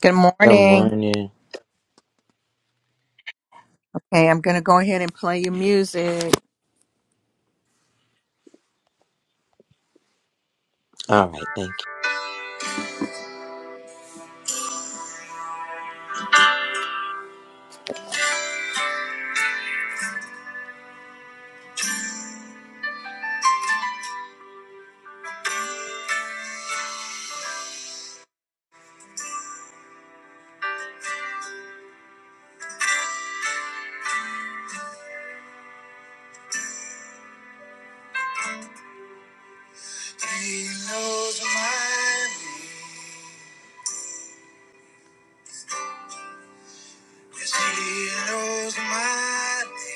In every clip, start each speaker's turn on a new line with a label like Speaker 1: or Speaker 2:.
Speaker 1: Good
Speaker 2: Good
Speaker 1: morning.
Speaker 2: morning.
Speaker 1: Okay, I'm going to go ahead and play your music.
Speaker 2: All right, thank
Speaker 1: He knows my name. Yes, he knows my name.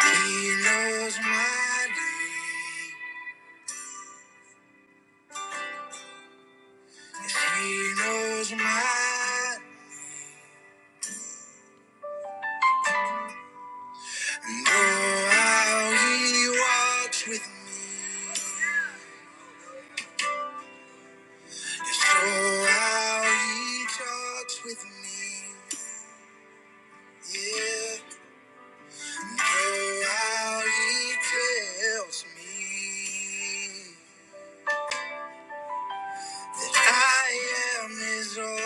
Speaker 1: He knows my name. Yes, he knows my name. Oh, how he walks with me. Yes, oh, how he talks with me. Yeah. And Oh, how he tells me. I am his own.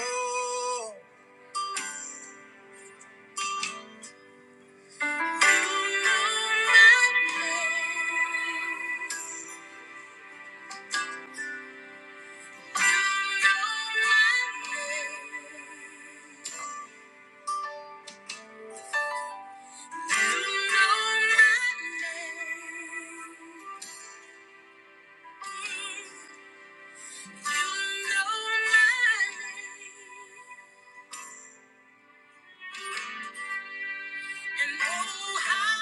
Speaker 1: You You And And oh, oh, how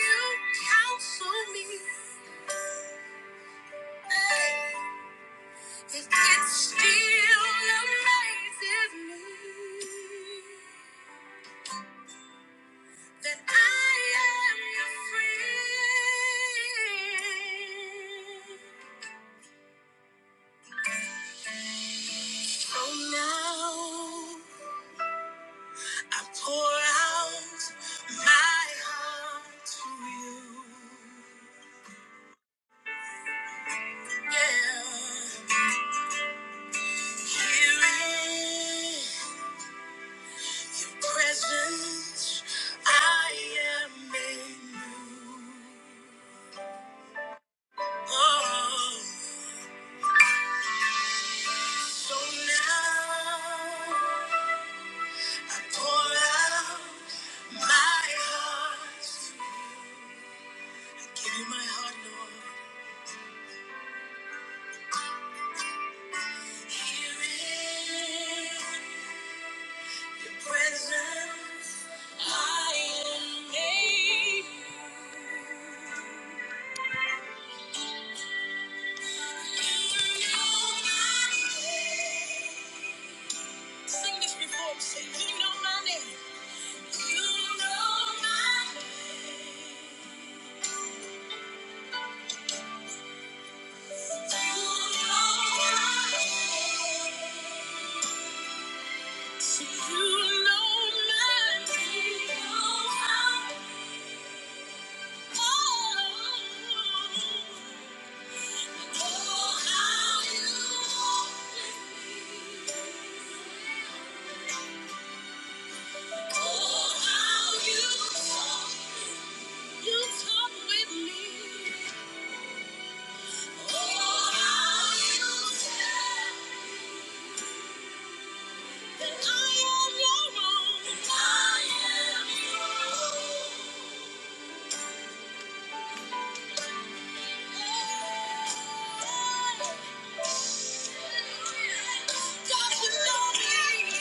Speaker 1: how comfort me! me, counsel me. hey. It still amazes me that I am your friend. So now I pour out my heart to you. Yeah. Here in presence, I am in you. Oh. So now I pour out my heart. Give you my heart, Lord. Here in presence I am made. new. You know my name. Sing this before me. Say, You know my name. You talk with me. Oh, how you talk. Then I am your own. I am your own. God, you know me.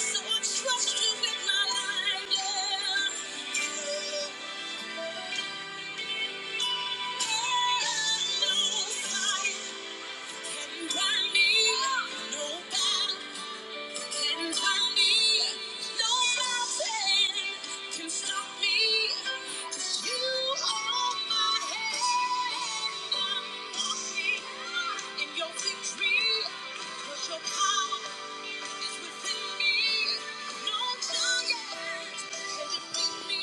Speaker 1: So I trust you with my life. yeah. Your power is within me. No giant can defeat me.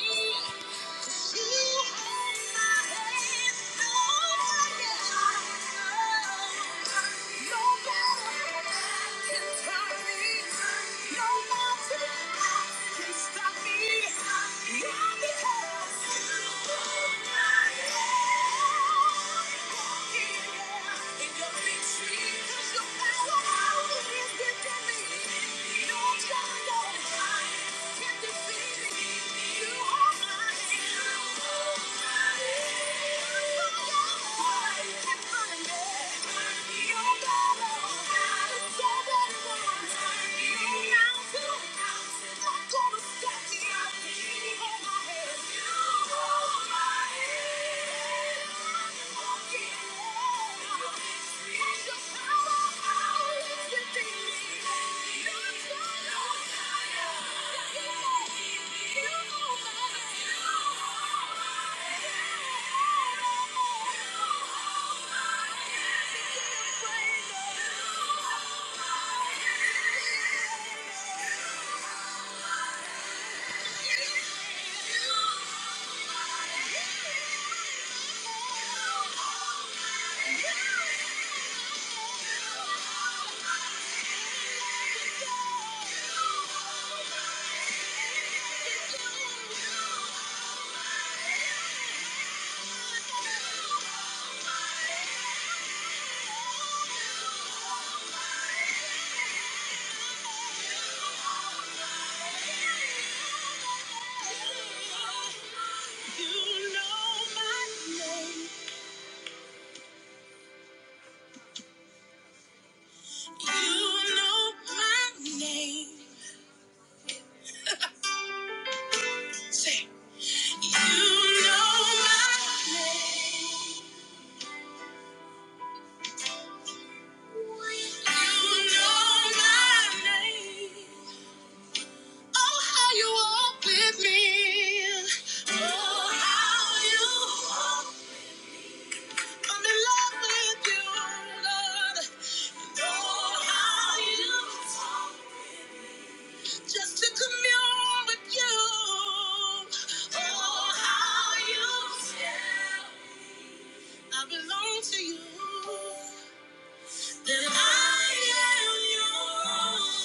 Speaker 1: You hold my hand, no giant. Thank you. are mine. Thank you. You know my name. You know my name. Say, you know my name. You know my name. Oh, how you walk with me. Oh, how you walk. I'm in love with you, Lord. And oh, how you talk. Just to commune with you. Oh, how you tell. I belong to you. That I am yours.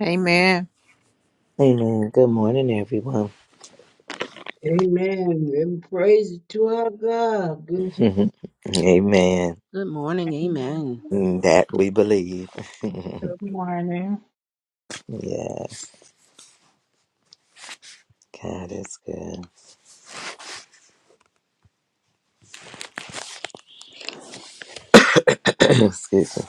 Speaker 1: Amen.
Speaker 2: you. Amen. Good morning, everyone.
Speaker 3: Amen. And praise to our God. Good
Speaker 2: Amen.
Speaker 4: Good morning,
Speaker 5: Mm-hmm.
Speaker 4: amen.
Speaker 2: That we believe.
Speaker 5: Good morning.
Speaker 2: yes, God is good. Excuse me.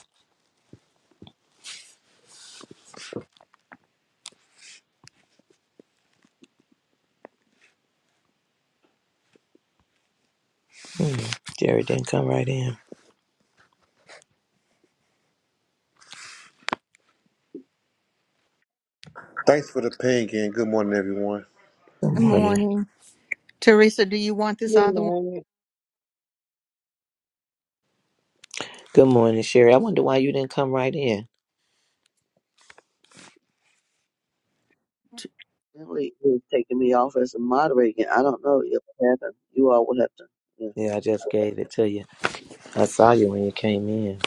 Speaker 2: Jerry didn't come right in.
Speaker 6: Thanks for the ping and good morning, everyone.
Speaker 2: Good
Speaker 1: Good
Speaker 2: morning.
Speaker 1: morning. Teresa, do you want this other one?
Speaker 3: morning.
Speaker 2: Good morning, Sherry. I wonder why you didn't come right in.
Speaker 1: T-
Speaker 7: Emily is taking me off as a moderator. I don't know if it happened. You all will have to. Yeah.
Speaker 2: Yeah, I just gave it to you. I saw you when you came in.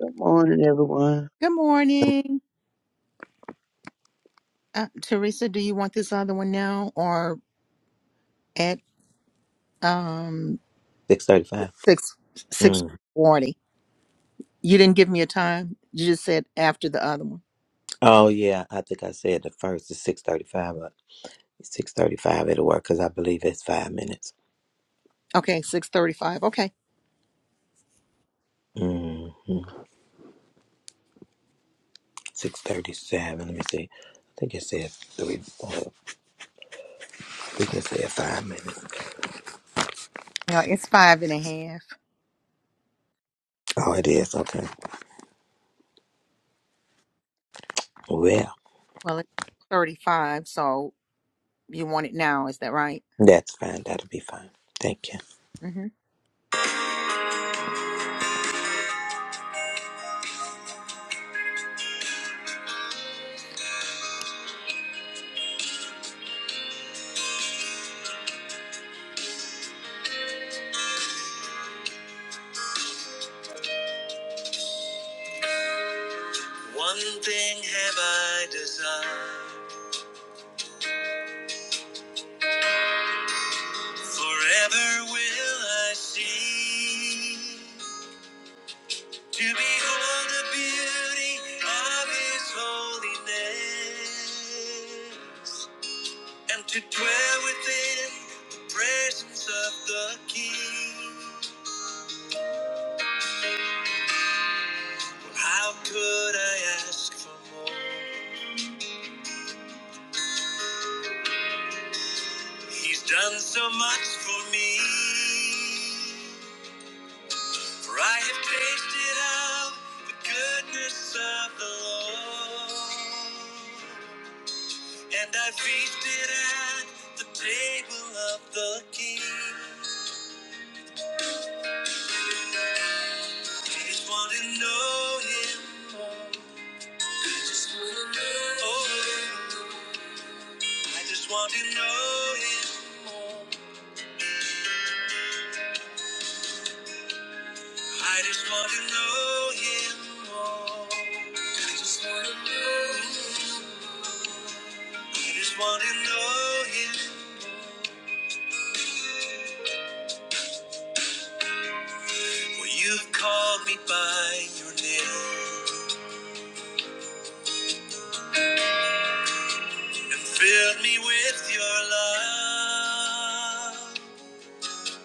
Speaker 7: Good morning, everyone.
Speaker 1: Good morning. Uh, Teresa, do you want this other one now or at um
Speaker 2: Six thirty-five.
Speaker 1: six six
Speaker 2: Mm.
Speaker 1: forty? You didn't give me a time. You just said after the other one.
Speaker 2: Oh yeah, I think I said the first is six thirty-five, but six thirty-five it'll work because I believe it's five minutes.
Speaker 1: Okay, six thirty five. Okay.
Speaker 2: hmm six thirty seven. Let me see. I think it says three. Uh, we can say five minutes.
Speaker 1: Yeah, it's five and a half.
Speaker 2: Oh, it is okay. Well,
Speaker 1: Well it's thirty five, so you want it now, is that right?
Speaker 2: that's fine. That'll be fine. Thank you.
Speaker 1: Mm-hmm. One thing have I desired, forever will I see. To behold the beauty of His holiness and to dwell within the presence of the King. How could I ask for more? He's done so much for me. For I have tasted of the goodness of the Lord, and I feasted at the table of the King. I just want to know him more. Oh, I just want to know him. more. I just want to know him more. I just want to know. I just want to know him. For you've called me by your name and filled me with your love.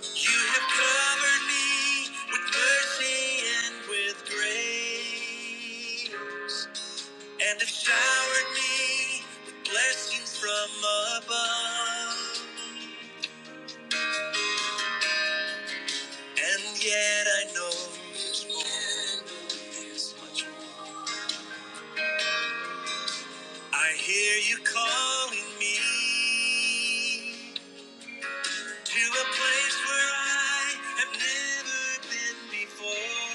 Speaker 1: You have covered me with mercy and with grace. and have showered me with blessings from above. And yet I know there's more. There's much more. I hear you calling me to a place where I have never been before.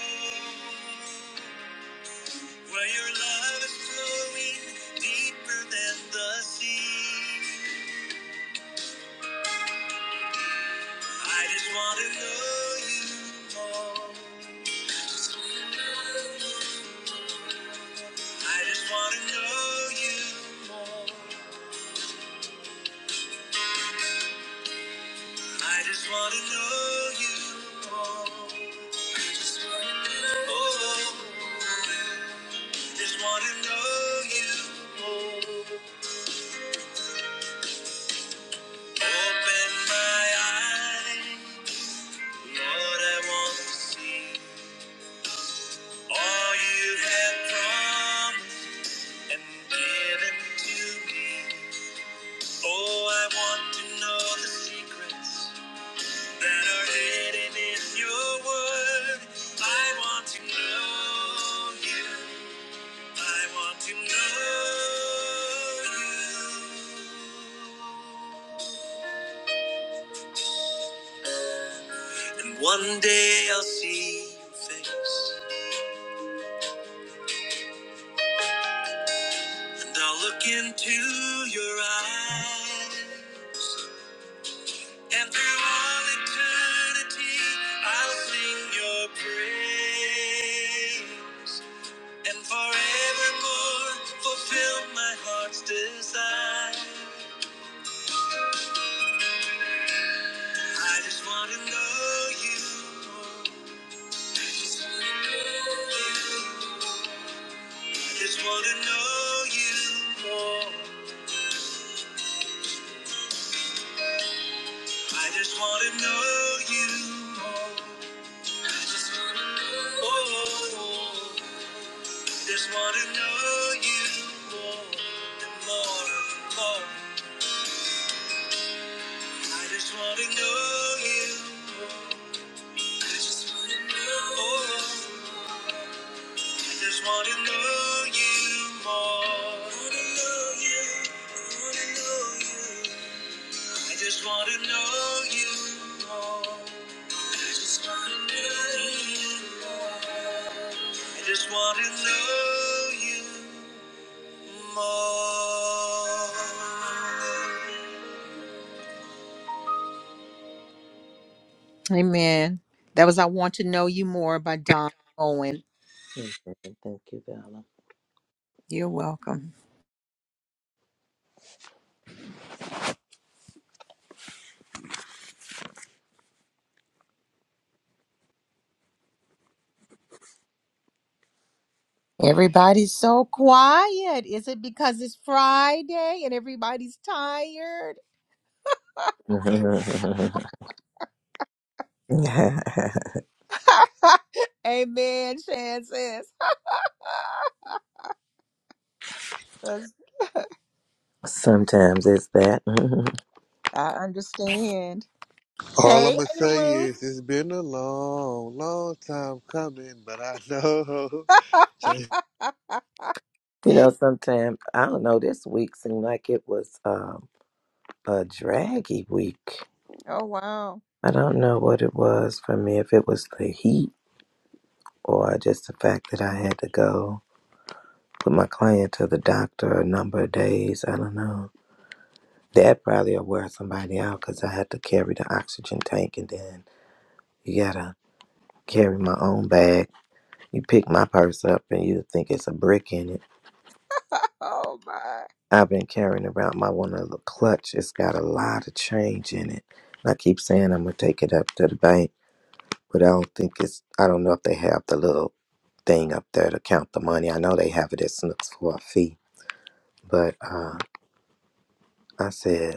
Speaker 1: Where your love is flowing deeper than the sea. I just want to know you more. I just want to know you more. I just want to know you more. I just want to know oh, I just want to know you more. Open my eyes, Lord, I want to see all you have promised and given to me. Oh, I want to know the secrets. that are hidden in your word. I want to know you. I want to know you. And one day I'll see your face. And I'll look into your eyes. And through all eternity, I'll sing your praise. And forevermore, fulfill my heart's desire. I just want to know you more. I just want to know you more. I just want to know you more. I just want to know you Oh, just want to know you more and more and more. I just want to know you more. I just want to know. you. Oh. just want to know you more. Wanna know you, wanna know you. I just want to know you more. I just want to know you more. I just want to know you more. Amen. That was I Want to Know You More by Don Owen.
Speaker 2: Mhm. Thank you, Bella.
Speaker 1: You're welcome. Everybody's so quiet. Is it because it's Friday and everybody's tired? Amen, Shan says. 'Cause
Speaker 2: sometimes it's that.
Speaker 1: I understand.
Speaker 6: All
Speaker 1: Hey,
Speaker 6: I'm gonna
Speaker 1: Ada
Speaker 6: say
Speaker 1: Ruth.
Speaker 6: is it's been a long, long time coming, but I know.
Speaker 2: you know, sometimes I don't know. This week seemed like it was um, a draggy week.
Speaker 1: oh, wow.
Speaker 2: I don't know what it was for me. If it was the heat or just the fact that I had to go. put my client to the doctor a number of days. I don't know. That probably will wear somebody out because I had to carry the oxygen tank and then you gotta carry my own bag. You pick my purse up and you think it's a brick in it.
Speaker 1: Oh, my.
Speaker 2: I've been carrying around my one little clutch. It's got a lot of change in it. And I keep saying I'm gonna take it up to the bank, but I don't think it's. I don't know if they have the little thing up there to count the money. I know they have it at Snooks for a fee, but uh, I said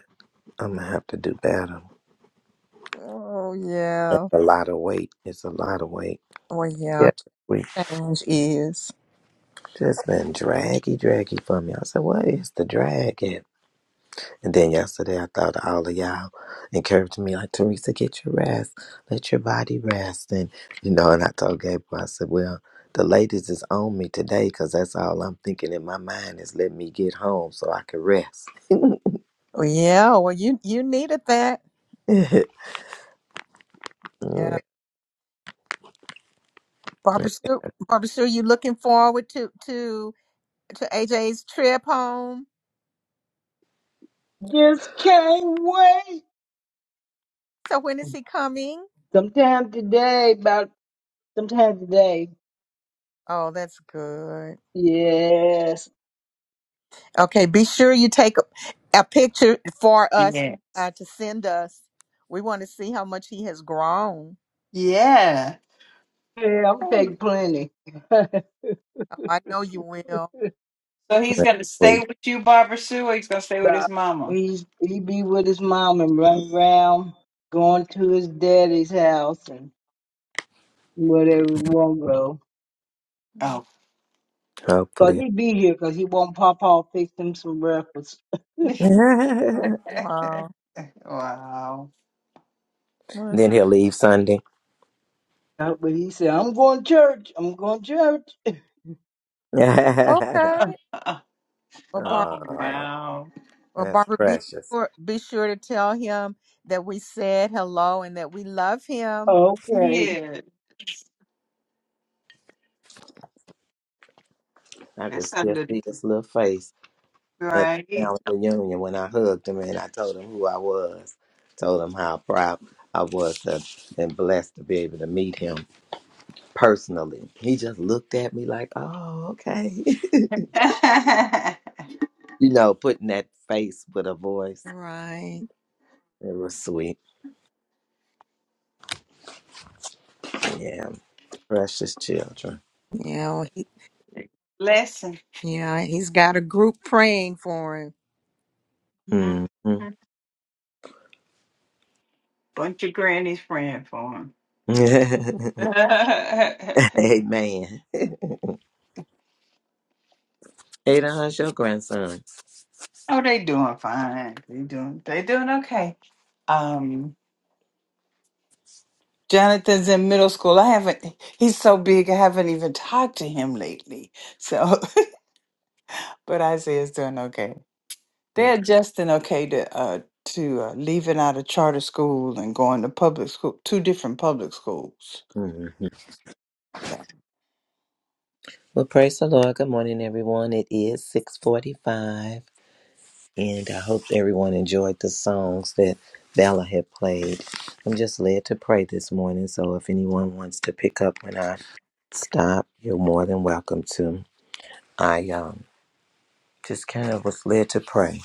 Speaker 2: I'm gonna have to do better
Speaker 1: Oh,
Speaker 2: That's
Speaker 1: yeah.
Speaker 2: a lot of weight. It's a lot of weight.
Speaker 1: Well,
Speaker 2: Yeah,
Speaker 1: yeah,
Speaker 2: we
Speaker 1: change is.
Speaker 2: just been draggy, draggy for me. I said, "What is the drag?" at?" And then yesterday, I thought all of y'all encouraged me, like Teresa, get your rest, let your body rest, and you know. And I told Gabriel, I said, "Well, the ladies is on me today because that's all I'm thinking in my mind is let me get home so I can rest."
Speaker 1: Well, yeah, well, you you needed that.
Speaker 2: yeah,
Speaker 1: Yeah. Barbara Sue, Barbara Sue, you looking forward to, to, to AJ's trip home?
Speaker 3: Just can't wait.
Speaker 1: So when is he coming?
Speaker 3: Sometime today, about sometime today.
Speaker 1: Oh, that's good.
Speaker 3: Yes.
Speaker 1: Okay, be sure you take a picture for us
Speaker 8: Yeah.
Speaker 1: uh, to send us. We want to see how much he has grown.
Speaker 8: Yeah.
Speaker 3: Yeah, I'm
Speaker 8: Oh.
Speaker 3: taking plenty.
Speaker 1: Oh, I know you will.
Speaker 8: So he's going to stay
Speaker 2: hopefully,
Speaker 8: with you, Barbara Sue, or he's going to stay with
Speaker 3: Nah.
Speaker 8: his mama?
Speaker 3: He's he be with his mom and run around, going to his daddy's house and whatever he won't go.
Speaker 1: Mm.
Speaker 8: Oh.
Speaker 3: But
Speaker 2: hopefully.
Speaker 3: he be here because he won't pop off fix him some breakfast.
Speaker 1: Oh, wow.
Speaker 8: wow.
Speaker 1: Let's-
Speaker 2: then he'll leave Sunday.
Speaker 3: Uh, But he said, I'm going to church. I'm going to church.
Speaker 1: Okay.
Speaker 8: oh,
Speaker 1: Well, Barbara,
Speaker 2: oh.
Speaker 8: wow.
Speaker 1: well,
Speaker 2: That's
Speaker 1: Barbara be,
Speaker 2: precious.
Speaker 1: sure, be sure to tell him that we said hello and that we love him.
Speaker 3: Okay.
Speaker 8: Yeah.
Speaker 2: I could
Speaker 8: that's
Speaker 2: still
Speaker 8: under,
Speaker 2: see his little face at the
Speaker 8: right?
Speaker 2: family reunion when I hugged him and I told him who I was, told him how proud I was to, and blessed to be able to meet him personally. He just looked at me like, oh, okay. you know, putting that face with a voice.
Speaker 1: Right.
Speaker 2: It was sweet. Yeah, precious children.
Speaker 1: Yeah, well, he,
Speaker 8: lesson.
Speaker 1: yeah, he's got a group praying for him.
Speaker 8: Mhm.
Speaker 2: hmm
Speaker 8: Bunch of grannies praying for him. oh,
Speaker 2: Amen. Ada, how's your grandson?
Speaker 8: they doing fine. They doing, they doing okay. Um, Jonathan's in middle school. I haven't, he's so big, I haven't even talked to him lately. So, but Isaiah's doing okay. They're adjusting okay to, uh, to uh, leaving out of charter school and going to public school, two different public schools.
Speaker 2: Okay.
Speaker 8: So,
Speaker 2: Well, praise the Lord. Good morning, everyone. It is 645, and I hope everyone enjoyed the songs that Bella had played. I'm just led to pray this morning, so if anyone wants to pick up when I stop, you're more than welcome to. I um, just kind of was led to pray,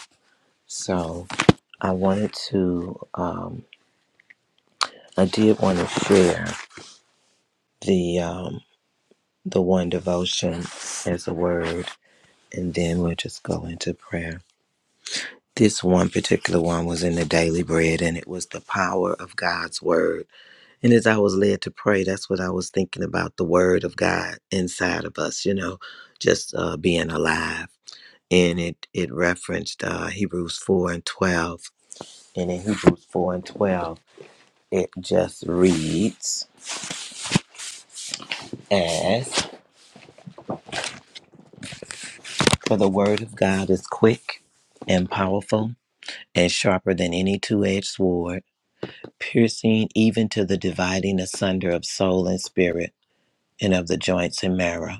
Speaker 2: so I wanted to, um, I did want to share the, um, the one devotion as a word, and then we'll just go into prayer. This one particular one was in the daily bread, and it was the power of God's word. And as I was led to pray, that's what I was thinking about the word of God inside of us, you know, just uh, being alive. And it, it referenced uh, Hebrews 4 and 12. And in Hebrews 4 and 12, it just reads as For the word of God is quick and powerful and sharper than any two edged sword piercing even to the dividing asunder of soul and spirit, and of the joints and marrow,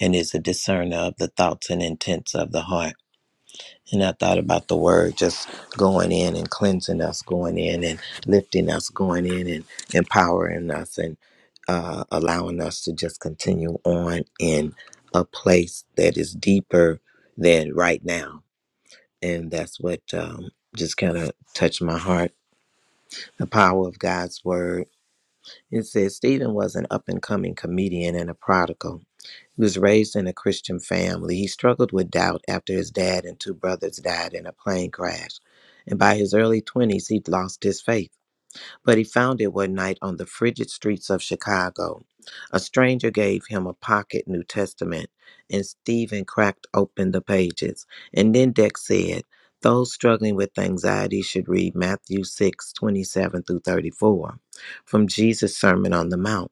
Speaker 2: and is a discerner of the thoughts and intents of the heart. And I thought about the word just going in and cleansing us, going in and lifting us, going in and empowering us, and uh, allowing us to just continue on in a place that is deeper than right now. And that's what um, just kind of touched my heart. The power of God's word It says Stephen was an up and coming comedian and a prodigal. He was raised in a Christian family. He struggled with doubt after his dad and two brothers died in a plane crash. And by his early 20s, he'd lost his faith but he found it one night on the frigid streets of Chicago. A stranger gave him a pocket New Testament, and Stephen cracked open the pages. And then Dex said, Those struggling with anxiety should read Matthew 6 27 through 34 from Jesus' Sermon on the Mount.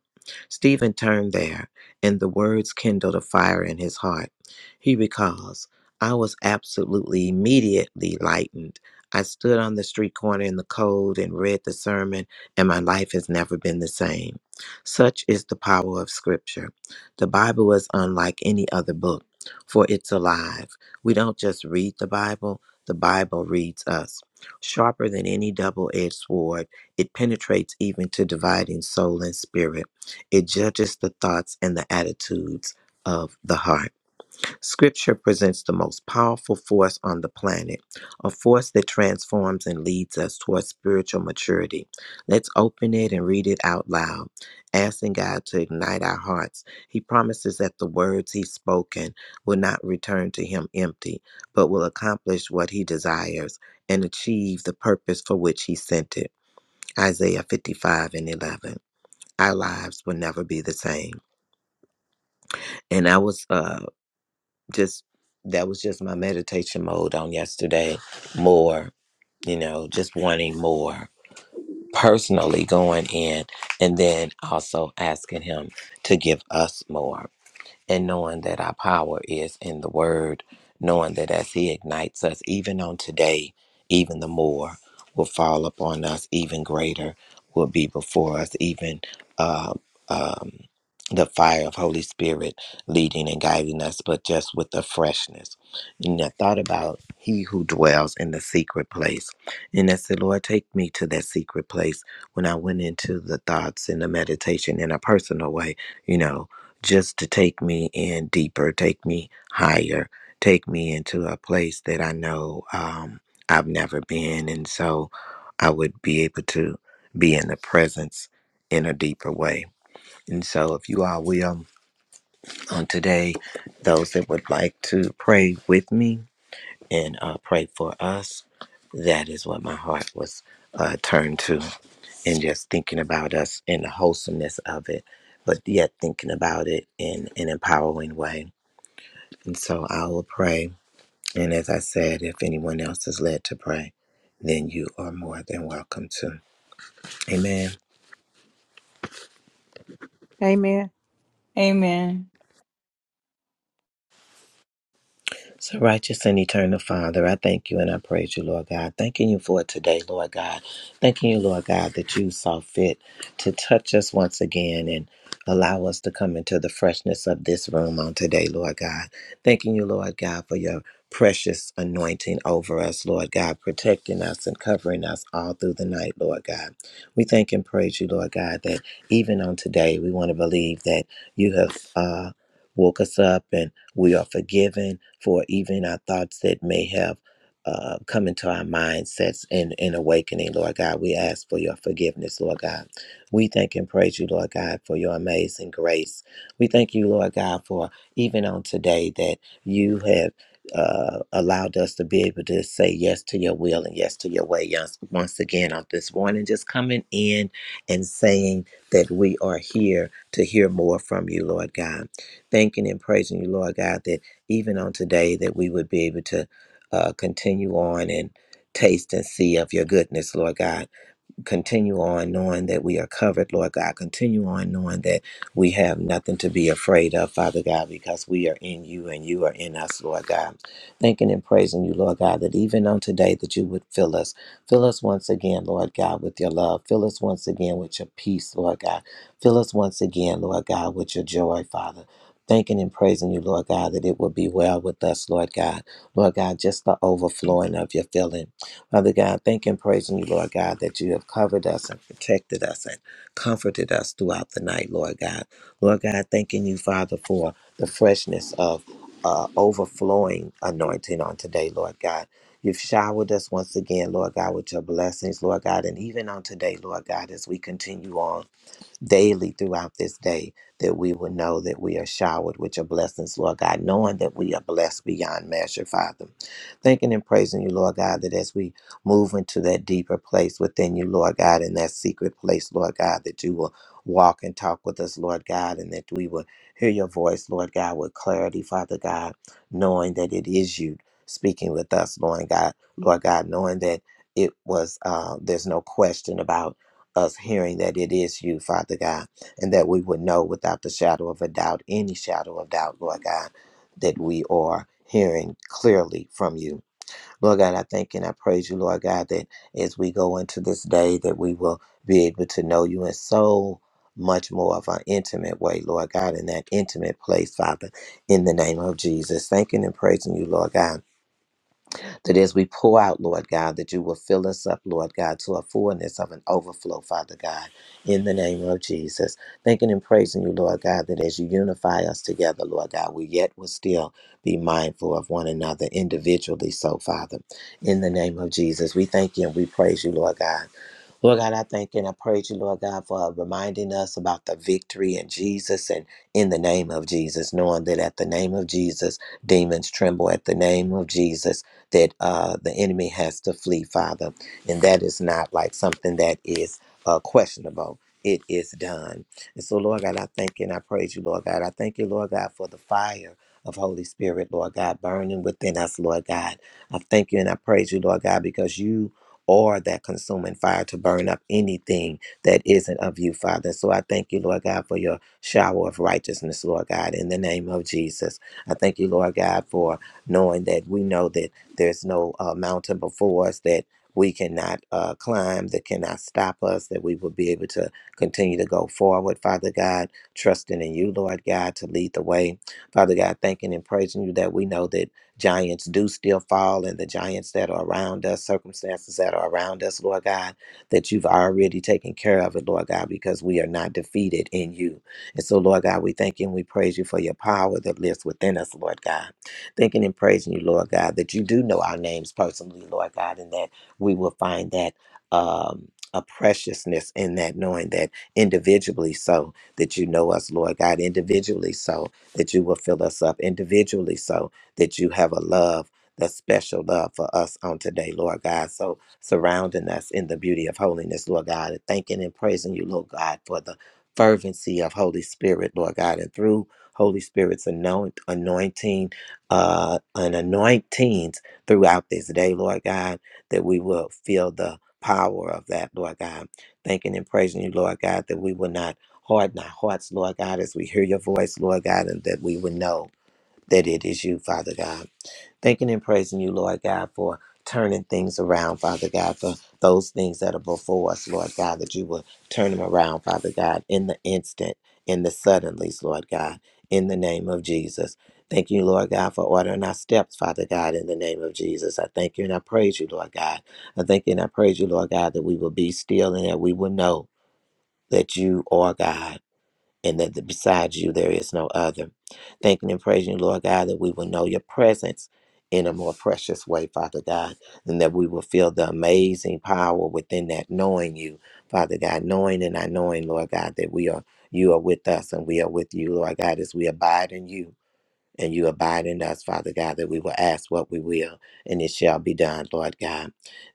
Speaker 2: Stephen turned there, and the words kindled a fire in his heart. He recalls, I was absolutely immediately lightened I stood on the street corner in the cold and read the sermon, and my life has never been the same. Such is the power of Scripture. The Bible is unlike any other book, for it's alive. We don't just read the Bible, the Bible reads us. Sharper than any double edged sword, it penetrates even to dividing soul and spirit. It judges the thoughts and the attitudes of the heart. Scripture presents the most powerful force on the planet, a force that transforms and leads us towards spiritual maturity. Let's open it and read it out loud, asking God to ignite our hearts. He promises that the words He's spoken will not return to Him empty, but will accomplish what He desires and achieve the purpose for which He sent it. Isaiah 55 and 11. Our lives will never be the same. And I was uh, just that was just my meditation mode on yesterday. More, you know, just wanting more personally going in and then also asking him to give us more and knowing that our power is in the word, knowing that as he ignites us, even on today, even the more will fall upon us, even greater will be before us, even uh, um, the fire of Holy Spirit leading and guiding us, but just with the freshness. And I thought about he who dwells in the secret place. And I said, Lord, take me to that secret place. When I went into the thoughts and the meditation in a personal way, you know, just to take me in deeper, take me higher, take me into a place that I know um, I've never been. And so I would be able to be in the presence in a deeper way. And so, if you all will, on today, those that would like to pray with me and uh, pray for us, that is what my heart was uh, turned to, and just thinking about us and the wholesomeness of it, but yet thinking about it in an empowering way. And so I will pray. And as I said, if anyone else is led to pray, then you are more than welcome to. Amen.
Speaker 1: Amen.
Speaker 8: amen.
Speaker 2: So, righteous and eternal Father, I thank you and I praise you, Lord God. Thanking you for today, Lord God. Thanking you, Lord God, that you saw fit to touch us once again and allow us to come into the freshness of this room on today, Lord God. Thanking you, Lord God, for your precious anointing over us, Lord God, protecting us and covering us all through the night, Lord God. We thank and praise you, Lord God, that even on today, we want to believe that you have uh, woke us up and we are forgiven for even our thoughts that may have uh, come into our mindsets in, in awakening, Lord God. We ask for your forgiveness, Lord God. We thank and praise you, Lord God, for your amazing grace. We thank you, Lord God, for even on today that you have. Uh, allowed us to be able to say yes to your will and yes to your way yes, once again on this morning. Just coming in and saying that we are here to hear more from you, Lord God thanking and praising you, Lord God, that even on today that we would be able to uh, continue on and taste and see of your goodness, Lord God continue on knowing that we are covered, Lord God. Continue on knowing that we have nothing to be afraid of, Father God, because we are in you and you are in us, Lord God. Thanking and praising you, Lord God, that even on today that you would fill us. Fill us once again, Lord God, with your love. Fill us once again with your peace, Lord God. Fill us once again, Lord God, with your joy, Father. Thanking and praising you, Lord God, that it will be well with us, Lord God. Lord God, just the overflowing of your filling. Father God, thank and praising you, Lord God, that you have covered us and protected us and comforted us throughout the night, Lord God. Lord God, thanking you, Father, for the freshness of uh, overflowing anointing on today, Lord God. You've showered us once again, Lord God, with your blessings, Lord God, and even on today, Lord God, as we continue on daily throughout this day that we would know that we are showered with your blessings, Lord God, knowing that we are blessed beyond measure, Father. Thanking and praising you, Lord God, that as we move into that deeper place within you, Lord God, in that secret place, Lord God, that you will walk and talk with us, Lord God, and that we will hear your voice, Lord God, with clarity, Father God, knowing that it is you speaking with us, Lord God, Lord God, knowing that it was uh, there's no question about us hearing that it is you, Father God, and that we would know without the shadow of a doubt, any shadow of doubt, Lord God, that we are hearing clearly from you. Lord God, I thank and I praise you, Lord God, that as we go into this day, that we will be able to know you in so much more of an intimate way, Lord God, in that intimate place, Father, in the name of Jesus. Thanking and praising you, Lord God that as we pour out, Lord God, that you will fill us up, Lord God, to a fullness of an overflow, Father God, in the name of Jesus. Thanking and praising you, Lord God, that as you unify us together, Lord God, we yet will still be mindful of one another individually, so, Father, in the name of Jesus. We thank you and we praise you, Lord God Lord God, I thank and I praise you, Lord God, for reminding us about the victory in Jesus and in the name of Jesus, knowing that at the name of Jesus, demons tremble at the name of Jesus, that uh, the enemy has to flee, Father. And that is not like something that is uh, questionable. It is done. And so, Lord God, I thank you and I praise you, Lord God. I thank you, Lord God, for the fire of Holy Spirit, Lord God, burning within us, Lord God. I thank you and I praise you, Lord God, because you or that consuming fire to burn up anything that isn't of you, Father. So I thank you, Lord God, for your shower of righteousness, Lord God, in the name of Jesus. I thank you, Lord God, for knowing that we know that there's no uh, mountain before us that we cannot uh, climb, that cannot stop us, that we will be able to continue to go forward, Father God, trusting in you, Lord God, to lead the way. Father God, thanking and praising you that we know that. Giants do still fall, and the giants that are around us, circumstances that are around us, Lord God, that you've already taken care of it, Lord God, because we are not defeated in you. And so, Lord God, we thank you and we praise you for your power that lives within us, Lord God. Thanking and praising you, Lord God, that you do know our names personally, Lord God, and that we will find that. Um, a preciousness in that knowing that individually so that you know us lord god individually so that you will fill us up individually so that you have a love, the special love for us on today, Lord God. So surrounding us in the beauty of holiness, Lord God, and thanking and praising you, Lord God, for the fervency of Holy Spirit, Lord God, and through Holy Spirit's anoint, anointing, uh, and anointings throughout this day, Lord God, that we will feel the power of that, Lord God. Thanking and praising you, Lord God, that we will not harden our hearts, Lord God, as we hear your voice, Lord God, and that we would know that it is you, Father God. Thanking and praising you, Lord God, for turning things around, Father God, for those things that are before us, Lord God, that you will turn them around, Father God, in the instant, in the suddenlies, Lord God, in the name of Jesus. Thank you, Lord God, for ordering our steps, Father God, in the name of Jesus. I thank you and I praise you, Lord God. I thank you and I praise you, Lord God, that we will be still and that we will know that you are God and that the- besides you there is no other. Thanking and praising you, Lord God, that we will know your presence in a more precious way, Father God, and that we will feel the amazing power within that knowing you, Father God, knowing and I knowing, Lord God, that we are you are with us and we are with you, Lord God, as we abide in you and you abide in us, Father God, that we will ask what we will and it shall be done, Lord God.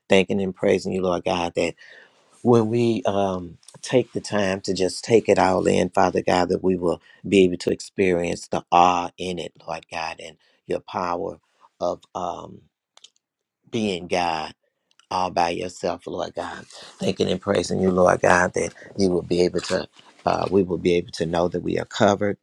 Speaker 2: Thanking and praising you, Lord God, that when we um, take the time to just take it all in, Father God, that we will be able to experience the awe in it, Lord God, and your power of um, being God all by yourself, Lord God. Thanking and praising you, Lord God, that you will be able to, uh, we will be able to know that we are covered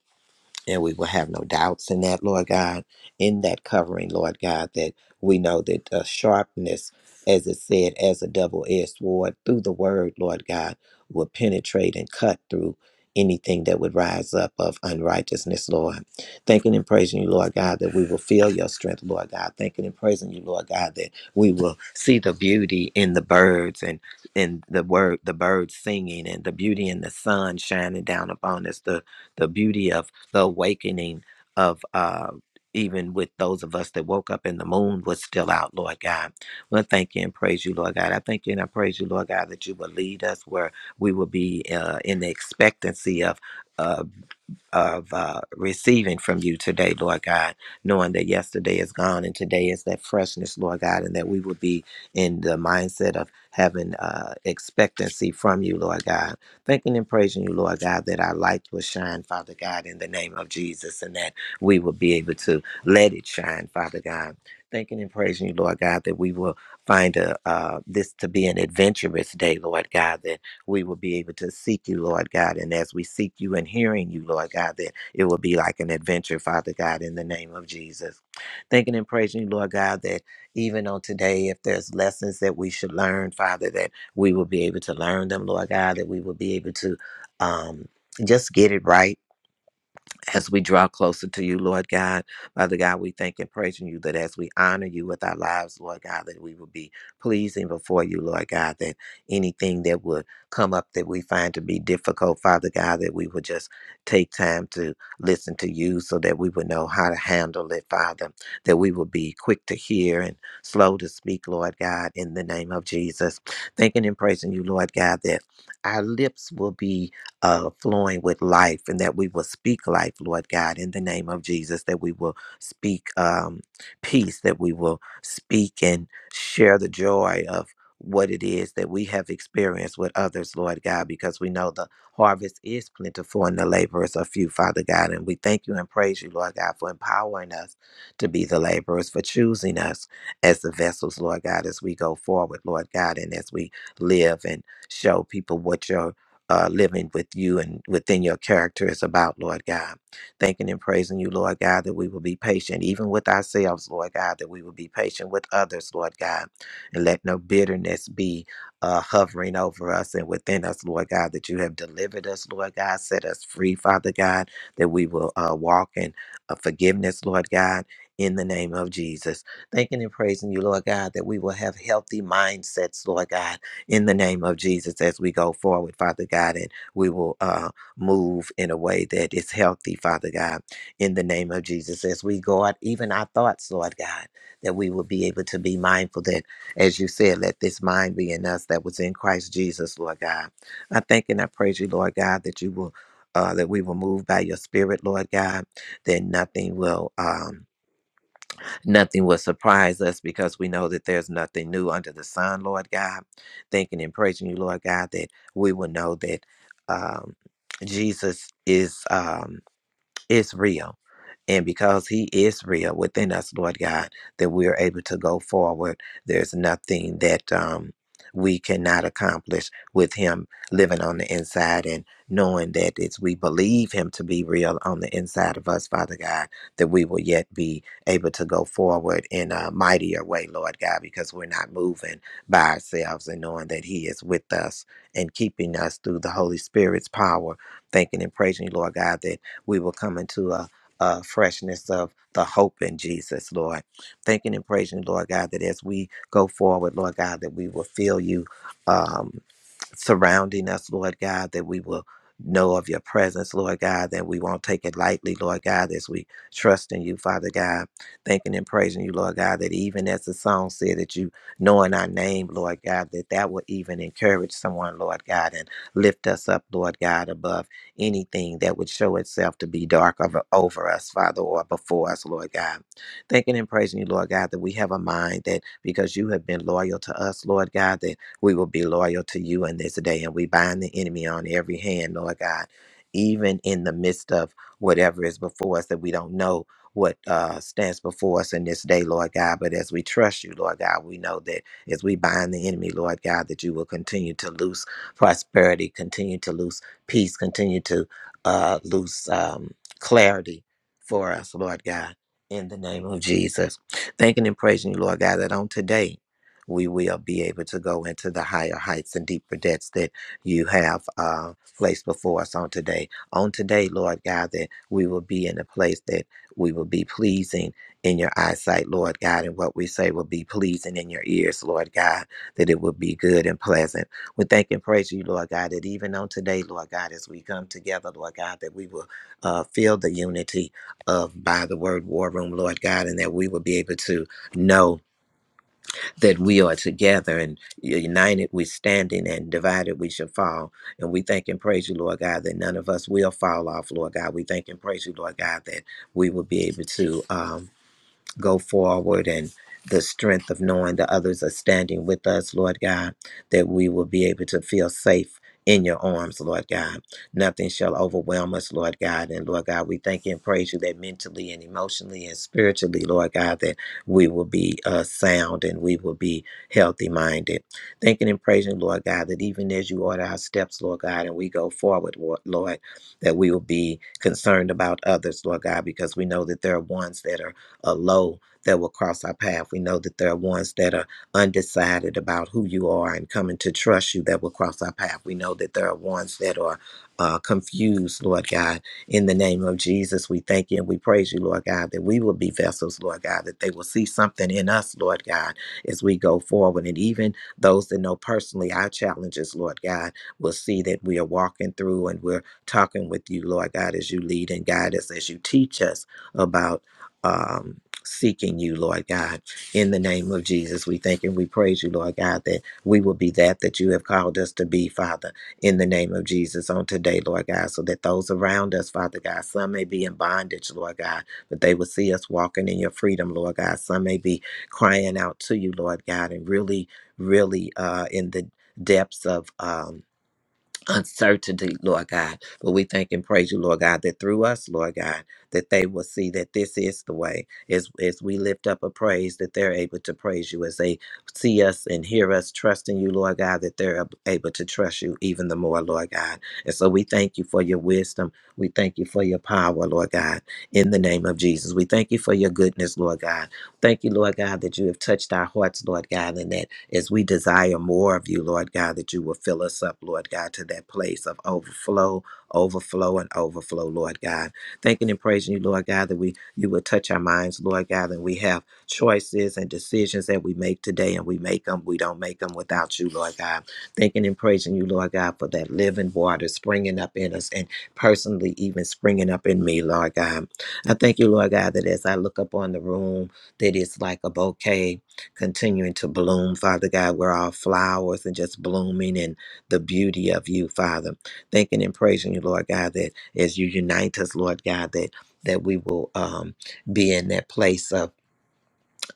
Speaker 2: and we will have no doubts in that, Lord God, in that covering, Lord God, that we know that uh, sharpness, as it said, as a double edged sword through the word, Lord God, will penetrate and cut through anything that would rise up of unrighteousness, Lord. Thanking and praising you, Lord God, that we will feel your strength, Lord God. Thanking and praising you, Lord God, that we will see the beauty in the birds and in the word the birds singing and the beauty in the sun shining down upon us, the the beauty of the awakening of uh, even with those of us that woke up and the moon was still out, Lord God. Well, thank you and praise you, Lord God. I thank you and I praise you, Lord God, that you will lead us where we will be uh, in the expectancy of. uh, of uh, receiving from you today, Lord God, knowing that yesterday is gone and today is that freshness, Lord God, and that we will be in the mindset of having uh, expectancy from you, Lord God. Thanking and praising you, Lord God, that our light will shine, Father God, in the name of Jesus, and that we will be able to let it shine, Father God. Thanking and praising you, Lord God, that we will find a, uh, this to be an adventurous day, Lord God, that we will be able to seek you, Lord God. And as we seek you and hearing you, Lord God, that it will be like an adventure, Father God, in the name of Jesus. Thanking and praising you, Lord God, that even on today, if there's lessons that we should learn, Father, that we will be able to learn them, Lord God, that we will be able to um, just get it right as we draw closer to you, Lord God. Father God, we thank and praise you that as we honor you with our lives, Lord God, that we will be pleasing before you, Lord God, that anything that would come up that we find to be difficult, Father God, that we would just take time to listen to you so that we would know how to handle it, Father, that we would be quick to hear and slow to speak, Lord God, in the name of Jesus. Thanking and praising you, Lord God, that our lips will be uh, flowing with life and that we will speak life, Lord God, in the name of Jesus, that we will speak um, peace, that we will speak and share the joy of what it is that we have experienced with others, Lord God, because we know the harvest is plentiful and the laborers are few, Father God. And we thank you and praise you, Lord God, for empowering us to be the laborers, for choosing us as the vessels, Lord God, as we go forward, Lord God, and as we live and show people what your uh, living with you and within your character is about, Lord God. Thanking and praising you, Lord God, that we will be patient, even with ourselves, Lord God, that we will be patient with others, Lord God, and let no bitterness be uh, hovering over us and within us, Lord God, that you have delivered us, Lord God, set us free, Father God, that we will uh, walk in uh, forgiveness, Lord God. In the name of Jesus. Thanking and praising you, Lord God, that we will have healthy mindsets, Lord God, in the name of Jesus as we go forward, Father God, and we will uh, move in a way that is healthy, Father God, in the name of Jesus as we go out, even our thoughts, Lord God, that we will be able to be mindful that, as you said, let this mind be in us that was in Christ Jesus, Lord God. I thank and I praise you, Lord God, that you will. Uh, that we will move by your spirit, Lord God, that nothing will um, Nothing will surprise us because we know that there's nothing new under the sun, Lord God. Thanking and praising you, Lord God, that we will know that um, Jesus is um, is real and because He is real within us, Lord God, that we are able to go forward. There's nothing that um, we cannot accomplish with Him living on the inside and knowing that it's we believe Him to be real on the inside of us, Father God, that we will yet be able to go forward in a mightier way, Lord God, because we're not moving by ourselves and knowing that He is with us and keeping us through the Holy Spirit's power. Thanking and praising you, Lord God, that we will come into a uh, freshness of the hope in Jesus, Lord. Thanking and praising, Lord God, that as we go forward, Lord God, that we will feel you. um, surrounding us, Lord God, that we will know of your presence, Lord God, that we won't take it lightly, Lord God, as we trust in you, Father God, thanking and praising you, Lord God, that even as the song said that you knowing our name, Lord God, that that will even encourage someone, Lord God, and lift us up, Lord God, above anything that would show itself to be dark over, over us, Father, or before us, Lord God. Thanking and praising you, Lord God, that we have a mind that because you have been loyal to us, Lord God, that we will be loyal to you in this day, and we bind the enemy on every hand, Lord God, even in the midst of whatever is before us that we don't know what uh, stands before us in this day, Lord God. But as we trust you, Lord God, we know that as we bind the enemy, Lord God, that you will continue to loose prosperity, continue to loose peace, continue to uh, loose um, clarity for us, Lord God, in the name of Jesus. Thanking and praising you, Lord God, that on today, we will be able to go into the higher heights and deeper depths that you have uh, placed before us on today. On today, Lord God, that we will be in a place that we will be pleasing in your eyesight, Lord God, and what we say will be pleasing in your ears, Lord God, that it will be good and pleasant. We thank and praise you, Lord God, that even on today, Lord God, as we come together, Lord God, that we will uh, feel the unity of by the word war room, Lord God, and that we will be able to know that we are together and united we standing and divided we shall fall. And we thank and praise you, Lord God, that none of us will fall off, Lord God. We thank and praise you, Lord God, that we will be able to. um, go forward and the strength of knowing that others are standing with us, Lord God, that we will be able to feel safe in your arms, Lord God. Nothing shall overwhelm us, Lord God. And Lord God, we thank you and praise you that mentally and emotionally and spiritually, Lord God, that we will be uh, sound and we will be healthy minded. Thanking and praising, Lord God, that even as you order our steps, Lord God, and we go forward, Lord, Lord, that we will be concerned about others, Lord God, because we know that there are ones that are uh, low that will cross our path. We know that there are ones that are undecided about who you are and coming to trust you that will cross our path. We know that there are ones that are uh, confused, Lord God. In the name of Jesus, we thank you and we praise you, Lord God, that we will be vessels, Lord God, that they will see something in us, Lord God, as we go forward. And even those that know personally our challenges, Lord God, will see that we are walking through and we're talking with you, Lord God, as you lead and guide us, as you teach us about um, seeking you, Lord God. In the name of Jesus, we thank and we praise you, Lord God, that we will be that that you have called us to be, Father, in the name of Jesus on today, Lord God, so that those around us, Father God, some may be in bondage, Lord God, but they will see us walking in your freedom, Lord God. Some may be crying out to you, Lord God, and really, really uh, in the depths of. Um, uncertainty, Lord God. But we thank and praise you, Lord God, that through us, Lord God, that they will see that this is the way. As, as we lift up a praise, that they're able to praise you. As they see us and hear us trusting you, Lord God, that they're ab- able to trust you even the more, Lord God. And so we thank you for your wisdom. We thank you for your power, Lord God, in the name of Jesus. We thank you for your goodness, Lord God. Thank you, Lord God, that you have touched our hearts, Lord God, and that as we desire more of you, Lord God, that you will fill us up, Lord God, to that place of overflow, overflow, and overflow, Lord God. Thanking and praising you, Lord God, that we you will touch our minds, Lord God, and we have choices and decisions that we make today, and we make them. We don't make them without you, Lord God. Thanking and praising you, Lord God, for that living water springing up in us and personally even springing up in me, Lord God. I thank you, Lord God, that as I look up on the room, that it's like a bouquet continuing to bloom, Father God. We're all flowers and just blooming in the beauty of you, Father. Thanking and praising you, Lord God, that as you unite us, Lord God, that that we will um, be in that place of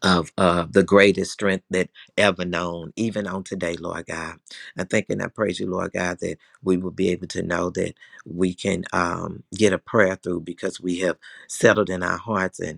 Speaker 2: of uh, the greatest strength that ever known, even on today, Lord God. I thank and I praise you, Lord God, that we will be able to know that we can um, get a prayer through because we have settled in our hearts and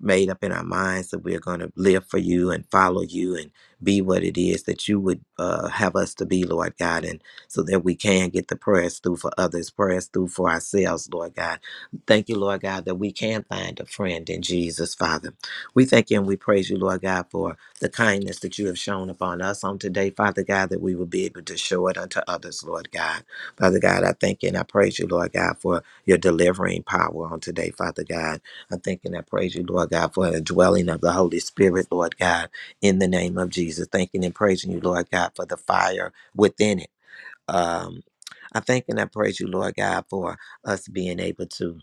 Speaker 2: made up in our minds that we're going to live for you and follow you and be what it is that you would uh, have us to be, Lord God, and so that we can get the prayers through for others, prayers through for ourselves, Lord God. Thank you, Lord God, that we can find a friend in Jesus, Father. We thank you and we praise you, Lord God, for the kindness that you have shown upon us on today, Father God, that we will be able to show it unto others, Lord God. Father God, I thank you and I praise you, Lord God, for your delivering power on today, Father God. I thank and I praise you, Lord God, for the dwelling of the Holy Spirit, Lord God, in the name of Jesus. Thanking and praising you, Lord God, for the fire within it. Um, I thank and I praise you, Lord God, for us being able to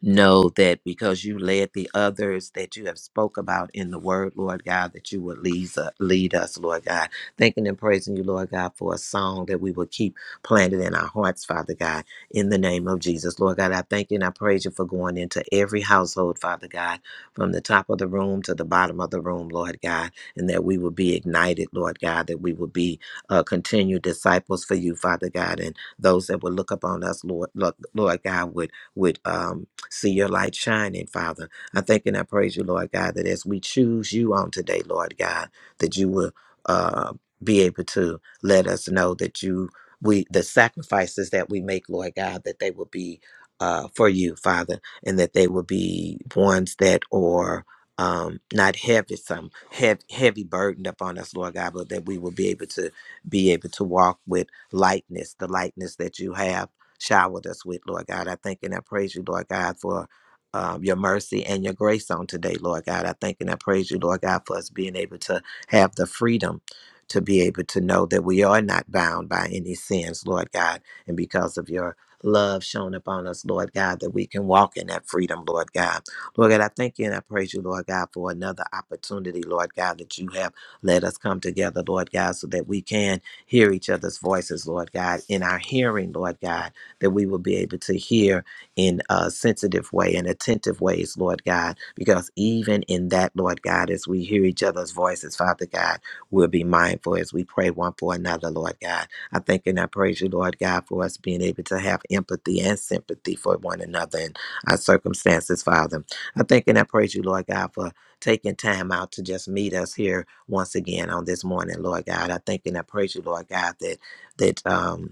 Speaker 2: know that because you led the others that you have spoke about in the word, Lord God, that you would lead, uh, lead us, Lord God. Thanking and praising you, Lord God, for a song that we will keep planted in our hearts, Father God, in the name of Jesus. Lord God, I thank you and I praise you for going into every household, Father God, from the top of the room to the bottom of the room, Lord God, and that we will be ignited, Lord God, that we will be uh, continued disciples for you, Father God, and those that would look upon us, Lord, Lord, Lord God, would would um, see your light shining, Father. I thank and I praise you, Lord God, that as we choose you on today, Lord God, that you will uh, be able to let us know that you we the sacrifices that we make, Lord God, that they will be uh, for you, Father, and that they will be ones that are um, not heavy, some heavy, heavy burdened upon us, Lord God, but that we will be able to be able to walk with lightness, the lightness that you have showered us with, Lord God. I thank and I praise you, Lord God, for um, your mercy and your grace on today, Lord God. I thank and I praise you, Lord God, for us being able to have the freedom to be able to know that we are not bound by any sins, Lord God. And because of your love shown upon us, Lord God, that we can walk in that freedom, Lord God. Lord God, I thank you and I praise you, Lord God, for another opportunity, Lord God, that you have let us come together, Lord God, so that we can hear each other's voices, Lord God, in our hearing, Lord God that we will be able to hear in a sensitive way and attentive ways, Lord God, because even in that, Lord God, as we hear each other's voices, Father God, we'll be mindful as we pray one for another, Lord God. I thank and I praise you, Lord God, for us being able to have empathy and sympathy for one another and our circumstances, Father. I thank and I praise you, Lord God, for taking time out to just meet us here once again on this morning, Lord God. I thank and I praise you, Lord God, that that um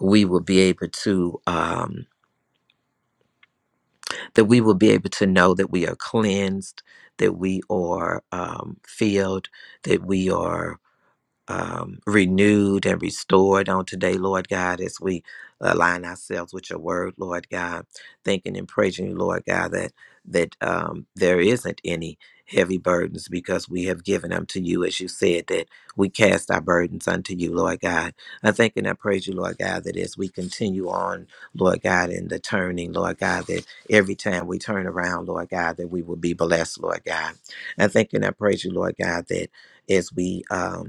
Speaker 2: we will be able to um, that we will be able to know that we are cleansed that we are um, filled that we are um, renewed and restored on today, Lord God, as we align ourselves with your word, Lord God, thinking and praising you, Lord God, that that um, there isn't any heavy burdens because we have given them to you, as you said, that we cast our burdens unto you, Lord God. I thank and I praise you, Lord God, that as we continue on, Lord God, in the turning, Lord God, that every time we turn around, Lord God, that we will be blessed, Lord God. I thank and I praise you, Lord God, that as we um,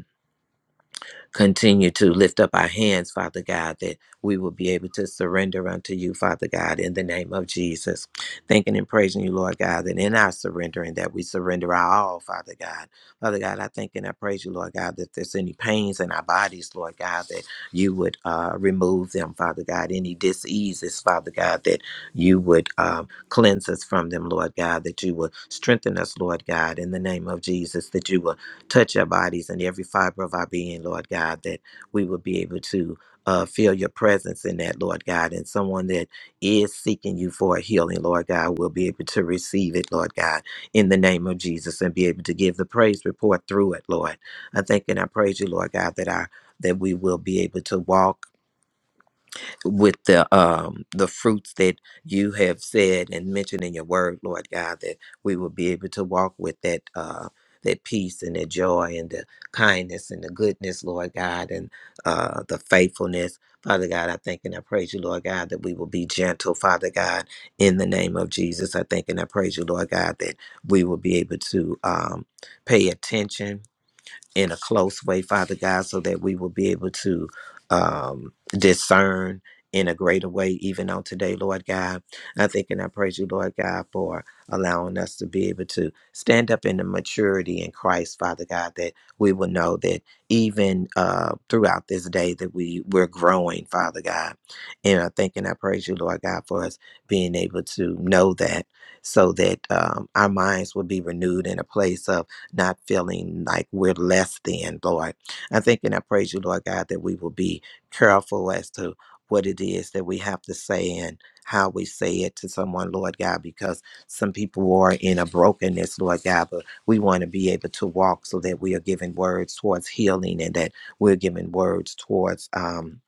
Speaker 2: continue to lift up our hands, Father God, that we will be able to surrender unto you, Father God, in the name of Jesus. Thanking and praising you, Lord God, that in our surrendering, that we surrender our all, Father God. Father God, I thank and I praise you, Lord God, that if there's any pains in our bodies, Lord God, that you would uh, remove them, Father God. Any diseases, Father God, that you would um, cleanse us from them, Lord God, that you would strengthen us, Lord God, in the name of Jesus, that you will Touch our bodies and every fiber of our being, Lord God, that we will be able to uh, feel your presence in that, Lord God. And someone that is seeking you for a healing, Lord God, will be able to receive it, Lord God, in the name of Jesus and be able to give the praise report through it, Lord. I thank and I praise you, Lord God, that our that we will be able to walk with the um the fruits that you have said and mentioned in your word, Lord God, that we will be able to walk with that uh that peace and that joy and the kindness and the goodness, Lord God, and uh the faithfulness. Father God, I thank and I praise you, Lord God, that we will be gentle, Father God, in the name of Jesus. I thank and I praise you, Lord God, that we will be able to um pay attention in a close way, Father God, so that we will be able to um, discern in a greater way, even on today, Lord God. I think and I praise you, Lord God, for allowing us to be able to stand up in the maturity in Christ, Father God, that we will know that even uh, throughout this day that we, we're growing, Father God. And I think and I praise you, Lord God, for us being able to know that so that um, our minds will be renewed in a place of not feeling like we're less than, Lord. I think and I praise you, Lord God, that we will be careful as to what it is that we have to say and how we say it to someone, Lord God, because some people are in a brokenness, Lord God, but we want to be able to walk so that we are giving words towards healing and that we're giving words towards um,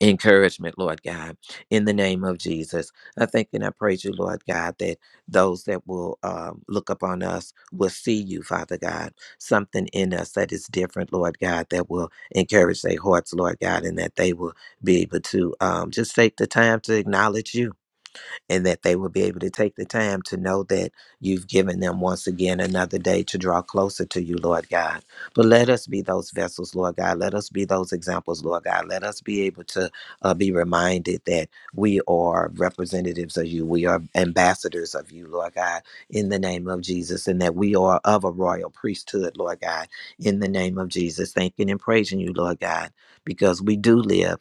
Speaker 2: encouragement, Lord God, in the name of Jesus. I thank and I praise you, Lord God, that those that will um, look upon us will see you, Father God, something in us that is different, Lord God, that will encourage their hearts, Lord God, and that they will be able to um, just take the time to acknowledge you and that they will be able to take the time to know that you've given them once again another day to draw closer to you, Lord God. But let us be those vessels, Lord God. Let us be those examples, Lord God. Let us be able to uh, be reminded that we are representatives of you, we are ambassadors of you, Lord God, in the name of Jesus, and that we are of a royal priesthood, Lord God, in the name of Jesus. Thanking and praising you, Lord God, because we do live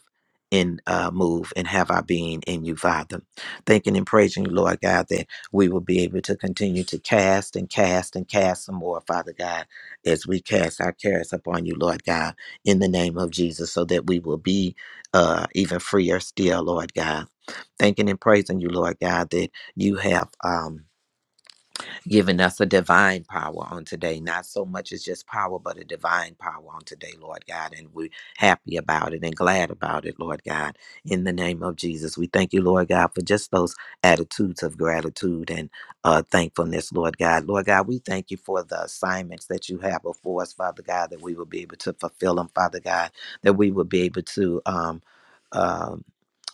Speaker 2: and uh, move and have our being in you, Father thanking and praising you, Lord God, that we will be able to continue to cast and cast and cast some more, Father God, as we cast our cares upon you, Lord God, in the name of Jesus, so that we will be uh, even freer still, Lord God. Thanking and praising you, Lord God, that you have. Um, giving us a divine power on today. Not so much as just power, but a divine power on today, Lord God. And we're happy about it and glad about it, Lord God. In the name of Jesus, we thank you, Lord God, for just those attitudes of gratitude and uh, thankfulness, Lord God. Lord God, we thank you for the assignments that you have before us, Father God, that we will be able to fulfill them, Father God, that we will be able to. Um, um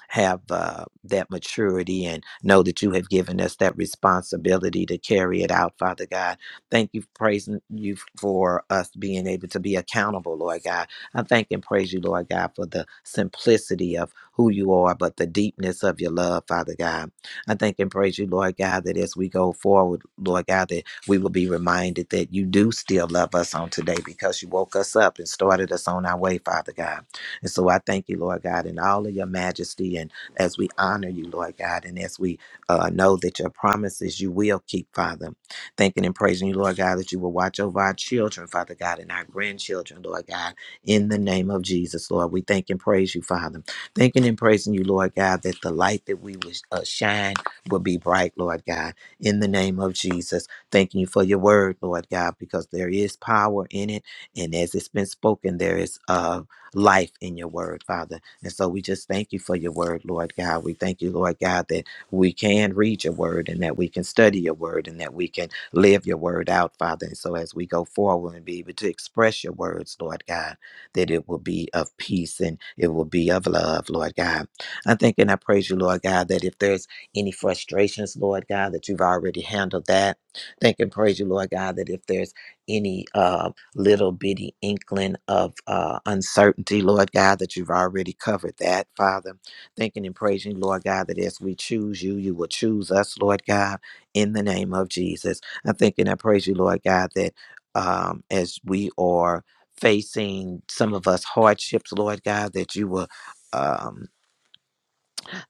Speaker 2: have uh, that maturity and know that you have given us that responsibility to carry it out, Father God. Thank you, praising you for us being able to be accountable, Lord God. I thank and praise you, Lord God, for the simplicity of who you are, but the deepness of your love, Father God. I thank and praise you, Lord God, that as we go forward, Lord God, that we will be reminded that you do still love us on today because you woke us up and started us on our way, Father God. And so I thank you, Lord God, in all of your majesty. And as we honor you, Lord God, and as we uh, know that your promises you will keep, Father, thanking and praising you, Lord God, that you will watch over our children, Father God, and our grandchildren, Lord God, in the name of Jesus, Lord. We thank and praise you, Father. Thanking and praising you, Lord God, that the light that we will uh, shine will be bright, Lord God, in the name of Jesus. Thanking you for your word, Lord God, because there is power in it. And as it's been spoken, there is uh, life in your word, Father. And so we just thank you for your word, Lord God. We thank you, Lord God, that we can read your word and that we can study your word and that we can live your word out, Father. And so as we go forward and be able to express your words, Lord God, that it will be of peace and it will be of love, Lord God. I think and I praise you, Lord God, that if there's any frustrations, Lord God, that you've already handled that. Thank and praise you, Lord God, that if there's any um little bitty inkling of uh, uncertainty, Lord God, that you've already covered that, Father. Thanking and praising, Lord God, that as we choose you, you will choose us, Lord God, in the name of Jesus. I thank and I praise you, Lord God, that um, as we are facing some of us hardships, Lord God, that you will. Um,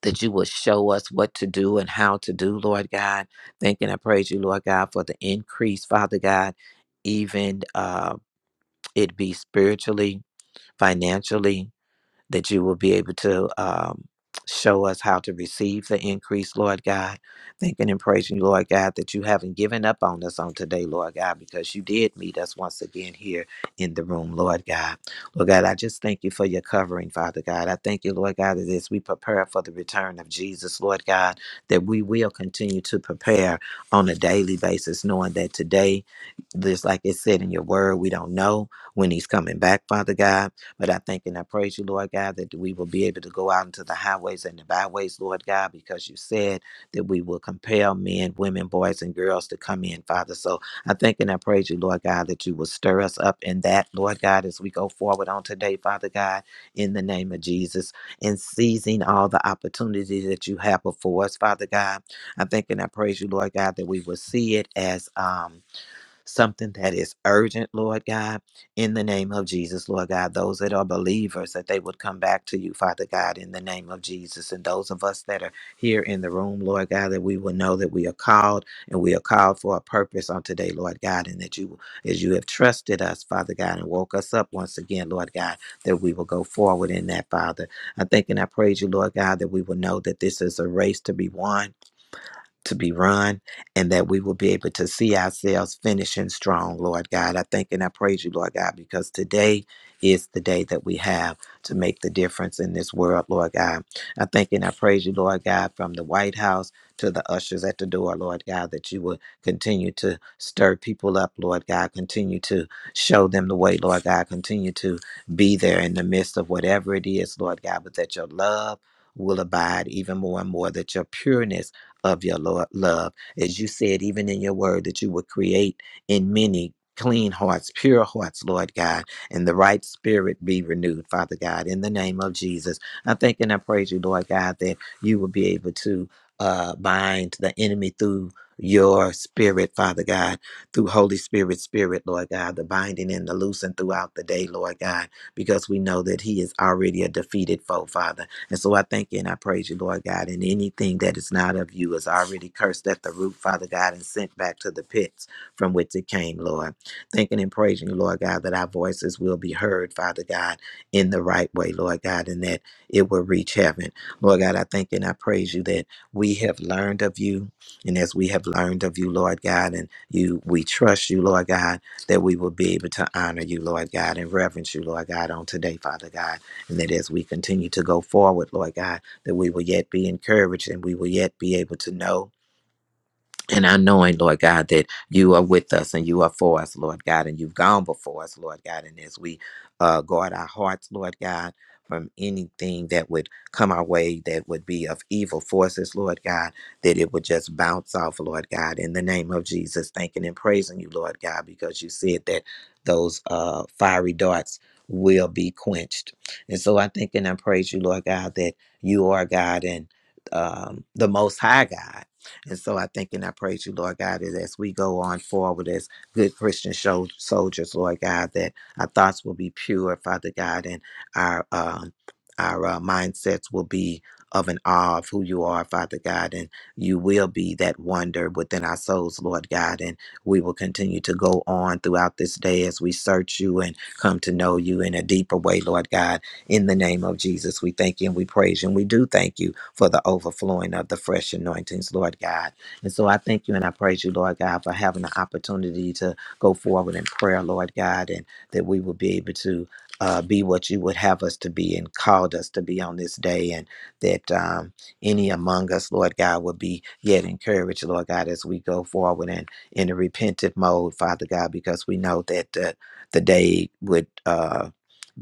Speaker 2: that you will show us what to do and how to do, Lord God. Thank and I praise you, Lord God, for the increase, Father God even um it be spiritually, financially, that you will be able to um, show us how to receive the increase, Lord God. Thanking and praising you, Lord God, that you haven't given up on us on today, Lord God, because you did meet us once again here in the room, Lord God. Lord God, I just thank you for your covering, Father God. I thank you, Lord God, that as we prepare for the return of Jesus, Lord God, that we will continue to prepare on a daily basis, knowing that today, just like it said in your word, we don't know when he's coming back, Father God. But I thank and I praise you, Lord God, that we will be able to go out into the highways and the byways, Lord God, because you said that we will compel men, women, boys, and girls to come in, Father. So I thank and I praise you, Lord God, that you will stir us up in that, Lord God, as we go forward on today, Father God, in the name of Jesus, and seizing all the opportunities that you have before us, Father God. I thank and I praise you, Lord God, that we will see it as um something that is urgent, Lord God, in the name of Jesus, Lord God. Those that are believers, that they would come back to you, Father God, in the name of Jesus. And those of us that are here in the room, Lord God, that we will know that we are called and we are called for a purpose on today, Lord God, and that you, as you have trusted us, Father God, and woke us up once again, Lord God, that we will go forward in that, Father. I thank and I praise you, Lord God, that we will know that this is a race to be won to be run and that we will be able to see ourselves finishing strong, Lord God. I thank and I praise you, Lord God, because today is the day that we have to make the difference in this world, Lord God. I thank and I praise you, Lord God, from the White House to the ushers at the door, Lord God, that you will continue to stir people up, Lord God, continue to show them the way, Lord God, continue to be there in the midst of whatever it is, Lord God, but that your love will abide even more and more, that your pureness of your Lord love. As you said, even in your word, that you would create in many clean hearts, pure hearts, Lord God, and the right spirit be renewed, Father God, in the name of Jesus. I thank and I praise you, Lord God, that you will be able to uh, bind the enemy through your spirit, Father God, through Holy Spirit, Spirit, Lord God, the binding and the loosing throughout the day, Lord God, because we know that He is already a defeated foe, Father. And so I thank you and I praise you, Lord God. And anything that is not of you is already cursed at the root, Father God, and sent back to the pits from which it came, Lord. Thanking and praising you, Lord God, that our voices will be heard, Father God, in the right way, Lord God, and that it will reach heaven. Lord God, I thank you and I praise you that we have learned of you. And as we have learned of you, Lord God, and you we trust you, Lord God, that we will be able to honor you, Lord God, and reverence you, Lord God, on today, Father God. And that as we continue to go forward, Lord God, that we will yet be encouraged and we will yet be able to know. And I knowing, Lord God, that you are with us and you are for us, Lord God, and you've gone before us, Lord God. And as we uh, guard our hearts, Lord God, from anything that would come our way that would be of evil forces, Lord God, that it would just bounce off, Lord God, in the name of Jesus, thanking and praising you, Lord God, because you said that those uh, fiery darts will be quenched. And so I thank and I praise you, Lord God, that you are God and um, the Most High God and so I think and I praise you, Lord God, that as we go on forward as good Christian shol- soldiers, Lord God, that our thoughts will be pure, Father God, and our um, our uh, mindsets will be of an awe of who you are, Father God, and you will be that wonder within our souls, Lord God, and we will continue to go on throughout this day as we search you and come to know you in a deeper way, Lord God in the name of Jesus, we thank you and we praise you. And we do thank you for the overflowing of the fresh anointings, Lord God. And so I thank you and I praise you, Lord God, for having the opportunity to go forward in prayer, Lord God, and that we will be able to uh, be what you would have us to be and called us to be on this day, and that um, any among us, Lord God, would be yet encouraged, Lord God, as we go forward and in a repentant mode, Father God, because we know that the, the day would. Uh,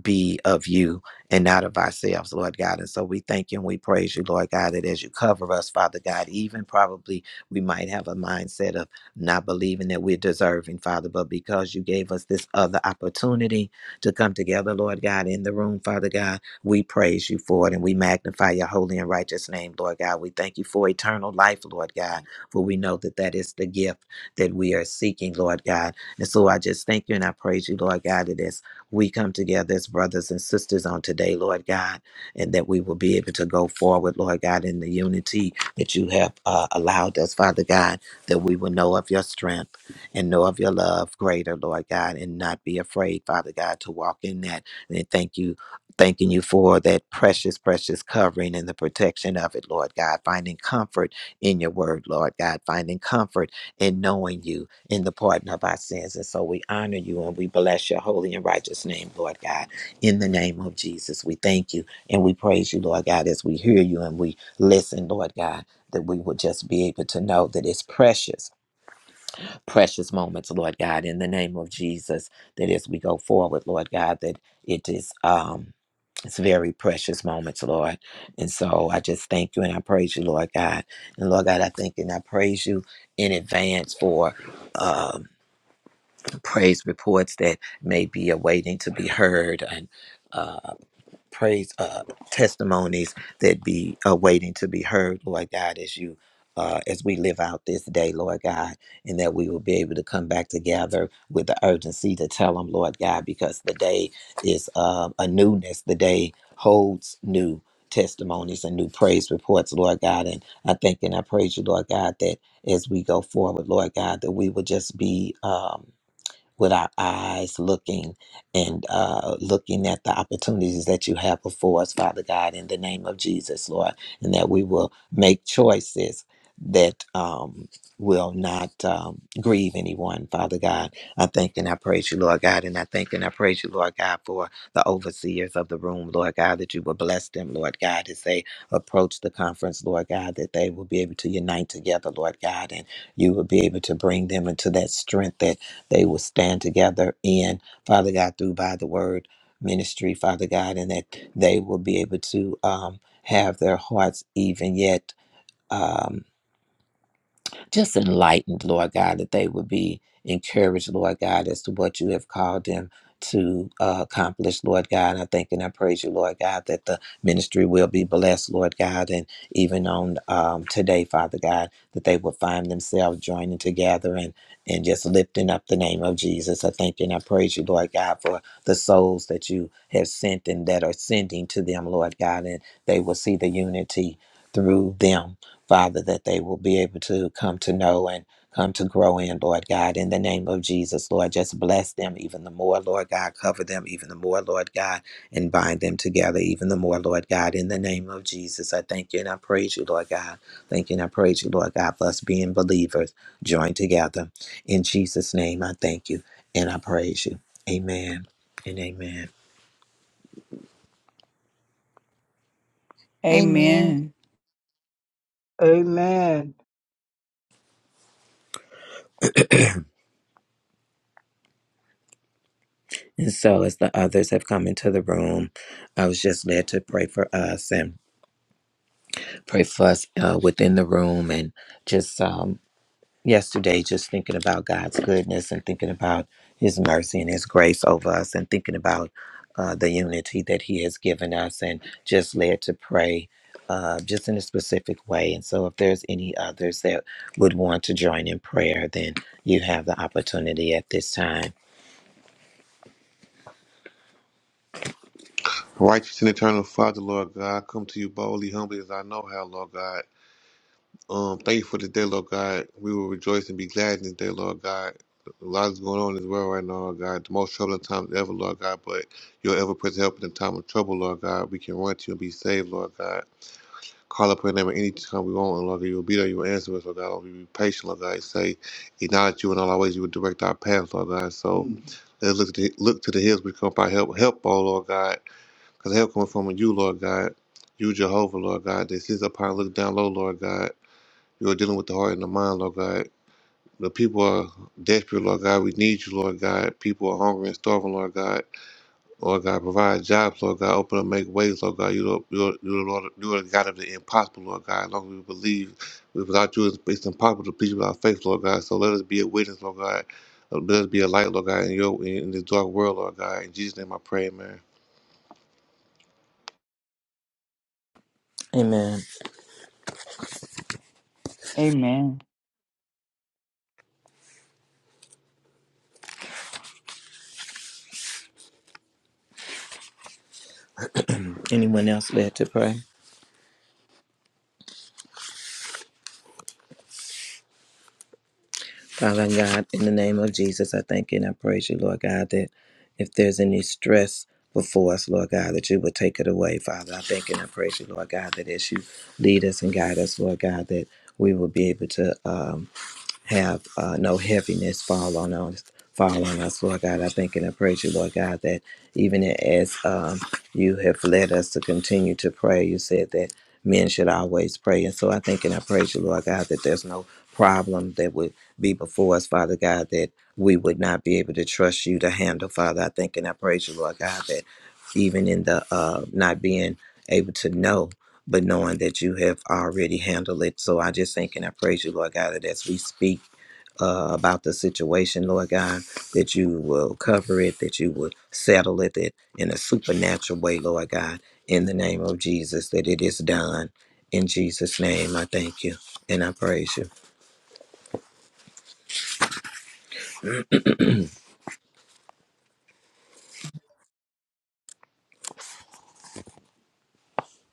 Speaker 2: be of you and not of ourselves, Lord God. And so we thank you and we praise you, Lord God, that as you cover us, Father God, even probably we might have a mindset of not believing that we're deserving, Father, but because you gave us this other opportunity to come together, Lord God, in the room, Father God, we praise you for it and we magnify your holy and righteous name, Lord God. We thank you for eternal life, Lord God, for we know that that is the gift that we are seeking, Lord God. And so I just thank you and I praise you, Lord God, that as we come together as brothers and sisters on today, Lord God, and that we will be able to go forward, Lord God, in the unity that you have uh, allowed us, Father God, that we will know of your strength and know of your love greater, Lord God, and not be afraid, Father God, to walk in that. And thank you. Thanking you for that precious, precious covering and the protection of it, Lord God. Finding comfort in your word, Lord God. Finding comfort in knowing you, in the pardon of our sins. And so we honor you and we bless your holy and righteous name, Lord God. In the name of Jesus, we thank you and we praise you, Lord God, as we hear you and we listen, Lord God, that we will just be able to know that it's precious, precious moments, Lord God, in the name of Jesus, that as we go forward, Lord God, that it is um it's very precious moments, Lord. And so I just thank you and I praise you, Lord God. And Lord God, I thank you and I praise you in advance for um praise reports that may be awaiting to be heard and uh, praise uh, testimonies that be awaiting to be heard, Lord God, as you uh, as we live out this day, Lord God, and that we will be able to come back together with the urgency to tell them, Lord God, because the day is uh, a newness. The day holds new testimonies and new praise reports, Lord God. And I thank and I praise you, Lord God, that as we go forward, Lord God, that we will just be. Um, with our eyes looking and uh, looking at the opportunities that you have before us, Father God, in the name of Jesus, Lord, and that we will make choices that um, will not um, grieve anyone, Father God. I thank and I praise you, Lord God, and I thank and I praise you, Lord God, for the overseers of the room, Lord God, that you will bless them, Lord God, as they approach the conference, Lord God, that they will be able to unite together, Lord God, and you will be able to bring them into that strength that they will stand together in, Father God, through by the word ministry, Father God, and that they will be able to um, have their hearts even yet. um, just enlightened, Lord God, that they would be encouraged, Lord God, as to what you have called them to uh, accomplish, Lord God. I thank and I praise you, Lord God, that the ministry will be blessed, Lord God, and even on um, today, Father God, that they will find themselves joining together and and just lifting up the name of Jesus. I thank and I praise you, Lord God, for the souls that you have sent and that are sending to them, Lord God, and they will see the unity through them Father, that they will be able to come to know and come to grow in, Lord God, in the name of Jesus, Lord. Just bless them even the more, Lord God. Cover them even the more, Lord God, and bind them together even the more, Lord God, in the name of Jesus. I thank you and I praise you, Lord God. Thank you and I praise you, Lord God, for us being believers joined together. In Jesus' name, I thank you and I praise you. Amen and amen.
Speaker 1: Amen.
Speaker 8: Amen.
Speaker 3: Amen.
Speaker 2: And so, as the others have come into the room, I was just led to pray for us. And pray for us uh, within the room and just um, yesterday just thinking about god's goodness and thinking about his mercy and his grace over us and thinking about uh, the unity that he has given us and just led to pray uh, just in a specific way and so if there's any others that would want to join in prayer then you have the opportunity at this time
Speaker 6: Righteous and eternal Father, Lord God, I come to you boldly, humbly as I know how, Lord God. Um, thank you for the day, Lord God. We will rejoice and be glad in this day, Lord God. A lot is going on in this world right now, Lord God. The most troubling times ever, Lord God, but your ever present help in the time of trouble, Lord God. We can run to you and be saved, Lord God. Call upon your name at any time we want, and Lord, you will be there. You will answer us, Lord God. Lord, we be patient, Lord God. You say, acknowledge you in all our ways. You will direct our paths, Lord God. So Mm. let's look to, the, look to the hills. We come by help, help, oh Lord God, because help coming from you, Lord God. You, Jehovah, Lord God. This is upon look down low, Lord God. You are dealing with the heart and the mind, Lord God. The people are desperate, Lord God. We need you, Lord God. People are hungry and starving, Lord God. Lord God, provide jobs, Lord God, open up, make ways, Lord God. You the you the- you Lord, you are the God of the impossible, Lord God. As long as we believe, without you, it's, impossible to please you without faith, Lord God. So let us be a witness, Lord God. Uh, Let us be a light, Lord God, in your in this dark world, Lord God. In Jesus' name, I pray, man.
Speaker 2: amen
Speaker 8: Amen.
Speaker 2: anyone else led to pray Father God, in the name of Jesus, I thank you and I praise you, Lord God, that if there's any stress before us, Lord God, that you would take it away, Father. I thank you and I praise you, Lord God, that as you lead us and guide us, Lord God, that we will be able to. Um, have uh, no heaviness fall on us. Fall on us, Lord God. I thank and I praise you, Lord God, that even as um, you have led us to continue to pray, you said that men should always pray. And so I thank and I praise you, Lord God, that there's no problem that would be before us, Father God, that we would not be able to trust you to handle, Father. I thank and I praise you, Lord God, that even in the uh, not being able to know but knowing that you have already handled it. So I just thank and I praise you, Lord God, that as we speak uh, about the situation, Lord God, that you will cover it, that you will settle it that in a supernatural way, Lord God, in the name of Jesus, that it is done. In Jesus' name, I thank you and I praise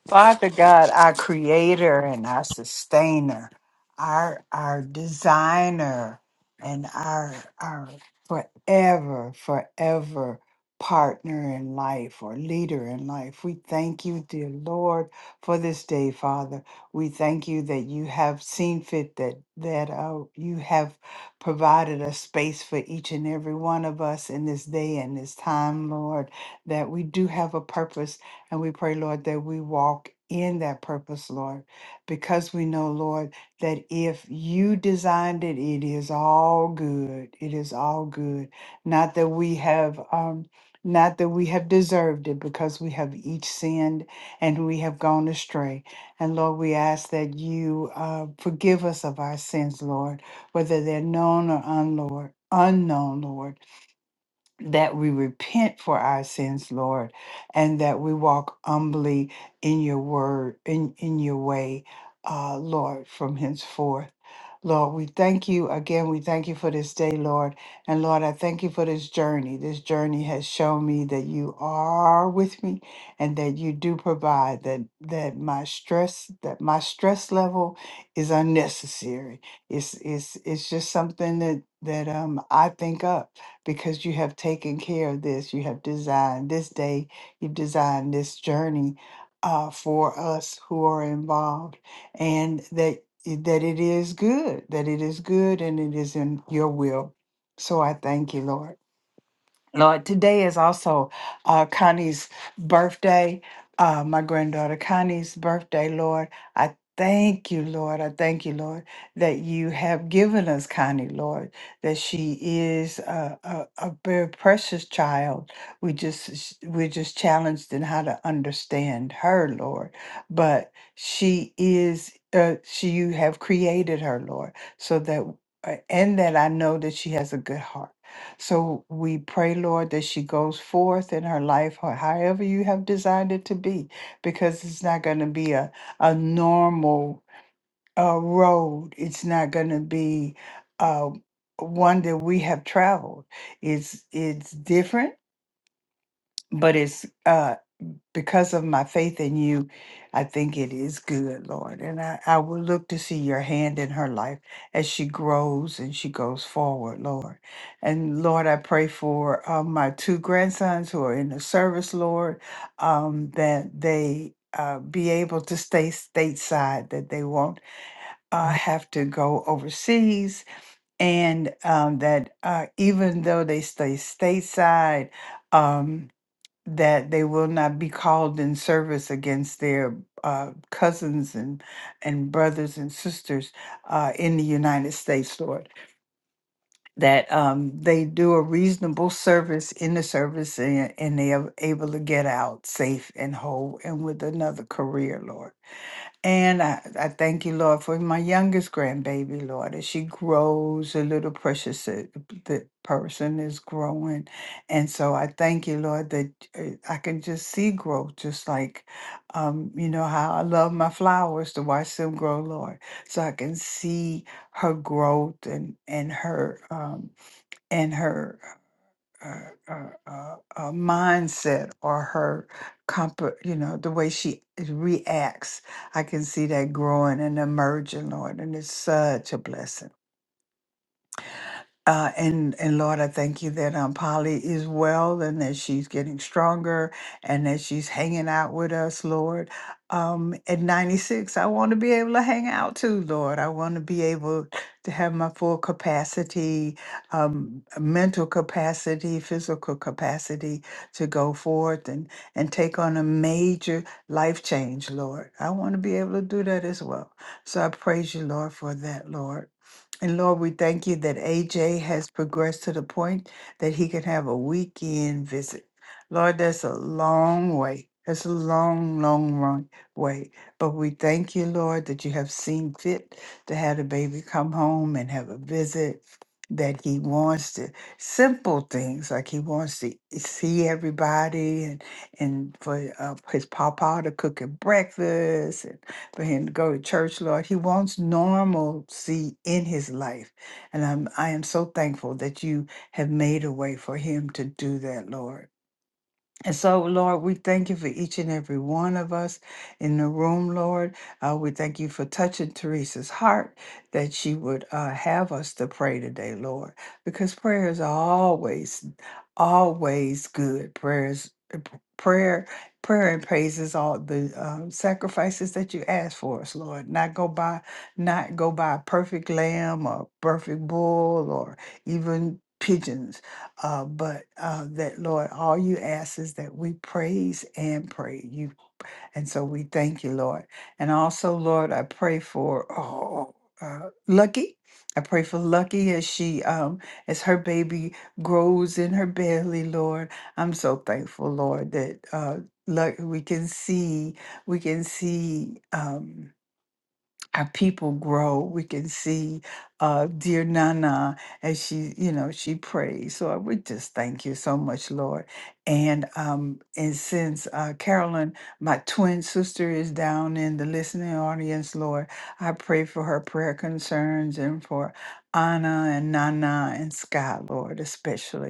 Speaker 8: Father God, our creator and our sustainer, our our designer and our our forever, forever partner in life or leader in life. We thank you, dear Lord, for this day, Father. We thank you that you have seen fit that that uh, you have provided a space for each and every one of us in this day and this time, Lord, that we do have a purpose and we pray, Lord, that we walk in that purpose, Lord, because we know, Lord, that if you designed it, it is all good. It is all good. Not that we have, um, not that we have deserved it, because we have each sinned and we have gone astray. And Lord, we ask that you uh, forgive us of our sins, Lord, whether they're known or unlord, unknown, Lord that we repent for our sins, Lord, and that we walk humbly in your word, in, in your way, uh, Lord, from henceforth. Lord, we thank you again. We thank you for this day, Lord. And Lord, I thank you for this journey. This journey has shown me that you are with me and that you do provide that that my stress, that my stress level is unnecessary. It's it's it's just something that that um I think up because you have taken care of this. You have designed this day, you've designed this journey uh, for us who are involved, and that eh, that it is good, that it is good, and it is in your will. So I thank you, Lord. Lord, today is also uh, Connie's birthday, uh, my granddaughter Connie's birthday, Lord. I thank you, Lord. I thank you, Lord, that you have given us Connie, Lord, that she is a, a, a very precious child. We just s- we're just challenged in how to understand her, Lord. But she is uh, she you have created her, Lord, so that uh, and that I know that she has a good heart. So we pray, Lord, that she goes forth in her life, ho- however you have designed it to be, because it's not going to be a, a normal uh, road. It's not going to be uh, one that we have traveled. It's it's different, but it's uh, because of my faith in you, I think it is good, Lord. And I, I will look to see your hand in her life as she grows and she goes forward, Lord. And Lord, I pray for uh, my two grandsons who are in the service, Lord, um, that they. Uh, be able to stay stateside, that they won't uh, have to go overseas, and um, that uh, even though they stay stateside, um, that they will not be called in service against their uh, cousins and and brothers and sisters uh, in the United States, Lord. That um, they do a reasonable service in the service and, and they are able to get out safe and whole and with another career, Lord. And I, I thank you, Lord, for my youngest grandbaby, Lord, as she grows, a little precious uh, the person is growing. And so I thank you, Lord, that uh, I can just see growth, just like, um, you know, how I love my flowers to watch them grow, Lord. So I can see her growth and, and her, um, and her uh, uh, uh, uh, mindset or her comp you know the way she reacts i can see that growing and emerging lord and it's such a blessing uh, and and Lord, I thank you that um, Polly is well and that she's getting stronger and that she's hanging out with us, Lord. Um, at 96, I want to be able to hang out too, Lord. I want to be able to have my full capacity, um, mental capacity, physical capacity to go forth and, and take on a major life change, Lord. I want to be able to do that as well. So I praise you, Lord, for that, Lord. And Lord, we thank you that AJ has progressed to the point that he can have a weekend visit. Lord, that's a long way. That's a long, long long way. But we thank you, Lord, that you have seen fit to have the baby come home and have a visit. That he wants to simple things like he wants to see everybody and and for uh, his papa to cook him breakfast for him to go to church, Lord. He wants normalcy in his life. And I'm, I am so thankful that you have made a way for him to do that, Lord. And so, Lord, we thank you for each and every one of us in the room, Lord. Uh, we thank you for touching Teresa's heart that she would uh, have us to pray today, Lord, because prayers are always, always good. Prayers, prayer, prayer and praises all the um, sacrifices that you ask for us, Lord. Not go by, not go by a perfect lamb or perfect bull or even pigeons uh, but uh, that Lord, all you ask is that we praise and pray you, and so we thank you, Lord. And also, Lord, I pray for oh, uh, Lucky. I pray for Lucky as she, um, as her baby grows in her belly, Lord. I'm so thankful, Lord, that uh, Luck we can see, we can see. Um, our people grow. We can see uh, dear Nana as she, you know, she prays. So I would just thank you so much, Lord. And um, and since uh, Carolyn, my twin sister, is down in the listening audience, Lord, I pray for her prayer concerns and for Anna and Nana and Scott, Lord, especially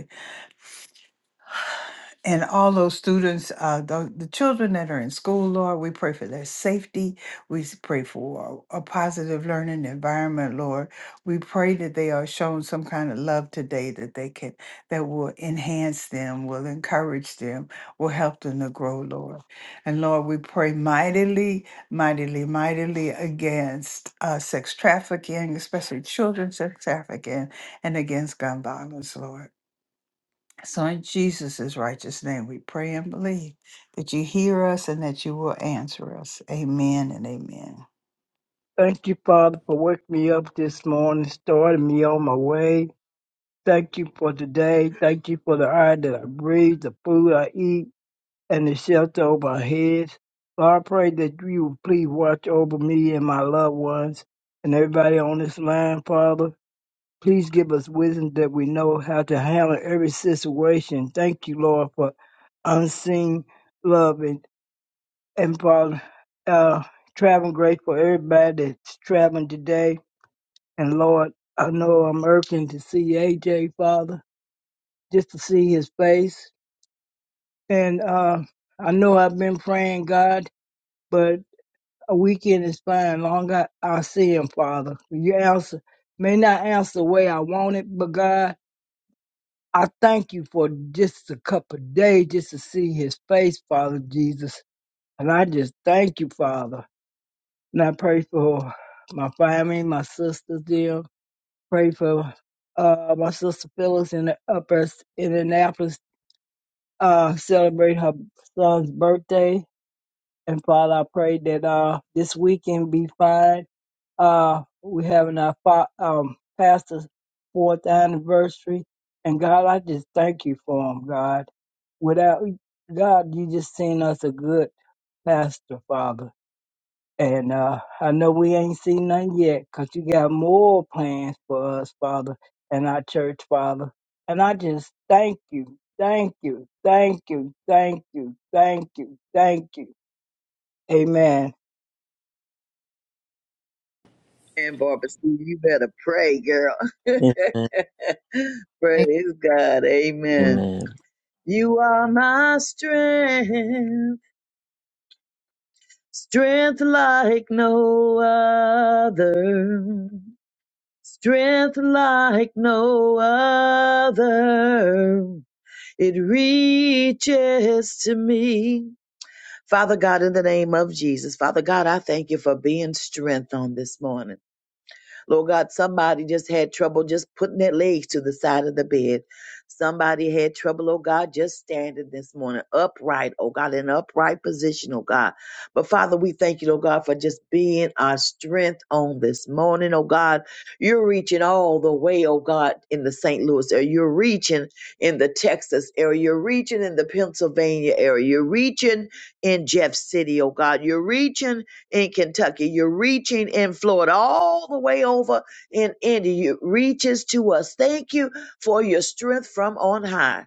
Speaker 8: and all those students, uh, the, the children that are in school, Lord, we pray for their safety. We s- pray for a positive learning environment, Lord. We pray that they are shown some kind of love today that they can, that will enhance them, will encourage them, will help them to grow, Lord. And Lord, we pray mightily, mightily, mightily against uh, sex trafficking, especially children's sex trafficking, and against gun violence, Lord. So in Jesus' righteous name, we pray and believe that you hear us and that you will answer us. Amen and amen.
Speaker 3: Thank you, Father, for waking me up this morning, starting me on my way. Thank you for today. Thank you for the air that I breathe, the food I eat, and the shelter over my head. Lord, I pray that you will please watch over me and my loved ones and everybody on this line, Father. Please give us wisdom that we know how to handle every situation. Thank you, Lord, for unseen love and. And Father, uh, traveling grace for everybody that's traveling today. And Lord, I know I'm irking to see AJ, Father, just to see his face. And uh, I know I've been praying, God, but a weekend is fine. Long I, I see him, Father. You answer, may not answer the way I want it, but God, I thank you for just a couple of days just to see his face, Father Jesus. And I just thank you, Father. And I pray for my family, my sisters there. Pray for uh, my sister Phyllis in the upper Indianapolis, uh, celebrate her son's birthday. And Father, I pray that uh, this weekend be fine. Uh, we're having our fa- um, pastor's fourth anniversary. And God, I just thank you for him, God. Without God, you just seen us a good pastor, Father. And uh, I know we ain't seen none yet, 'cause you got more plans for us, Father, and our church, Father. And I just thank you, thank you, thank you, thank you, thank you, thank you. Amen.
Speaker 7: And Barbara, Sue, you better pray, girl.
Speaker 2: you. Amen.
Speaker 7: Praise God. Amen.
Speaker 2: Amen.
Speaker 7: You are my strength, strength like no other, strength like no other. It reaches to me Father God, in the name of Jesus, Father God, I thank you for being strength on this morning. Lord God, somebody just had trouble just putting their legs to the side of the bed. Somebody had trouble, oh God, just standing this morning upright, oh God, in an upright position, oh God. But Father, we thank you, oh God, for just being our strength on this morning, oh God. You're reaching all the way, oh God, in the St. Louis area. You're reaching in the Texas area. You're reaching in the Pennsylvania area. You're reaching in Jeff City, oh God. You're reaching in Kentucky. You're reaching in Florida, all the way over in India. It reaches to us. Thank you for your strength from on high.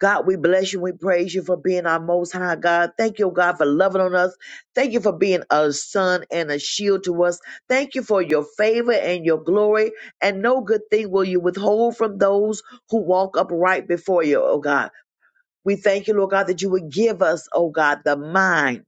Speaker 7: God, we bless you. We praise you for being our most high God. Thank you, oh God, for loving on us. Thank you for being a sun and a shield to us. Thank you for your favor and your glory. And no good thing will you withhold from those who walk upright before you, oh God. We thank you, Lord God, that you would give us, oh God, the mind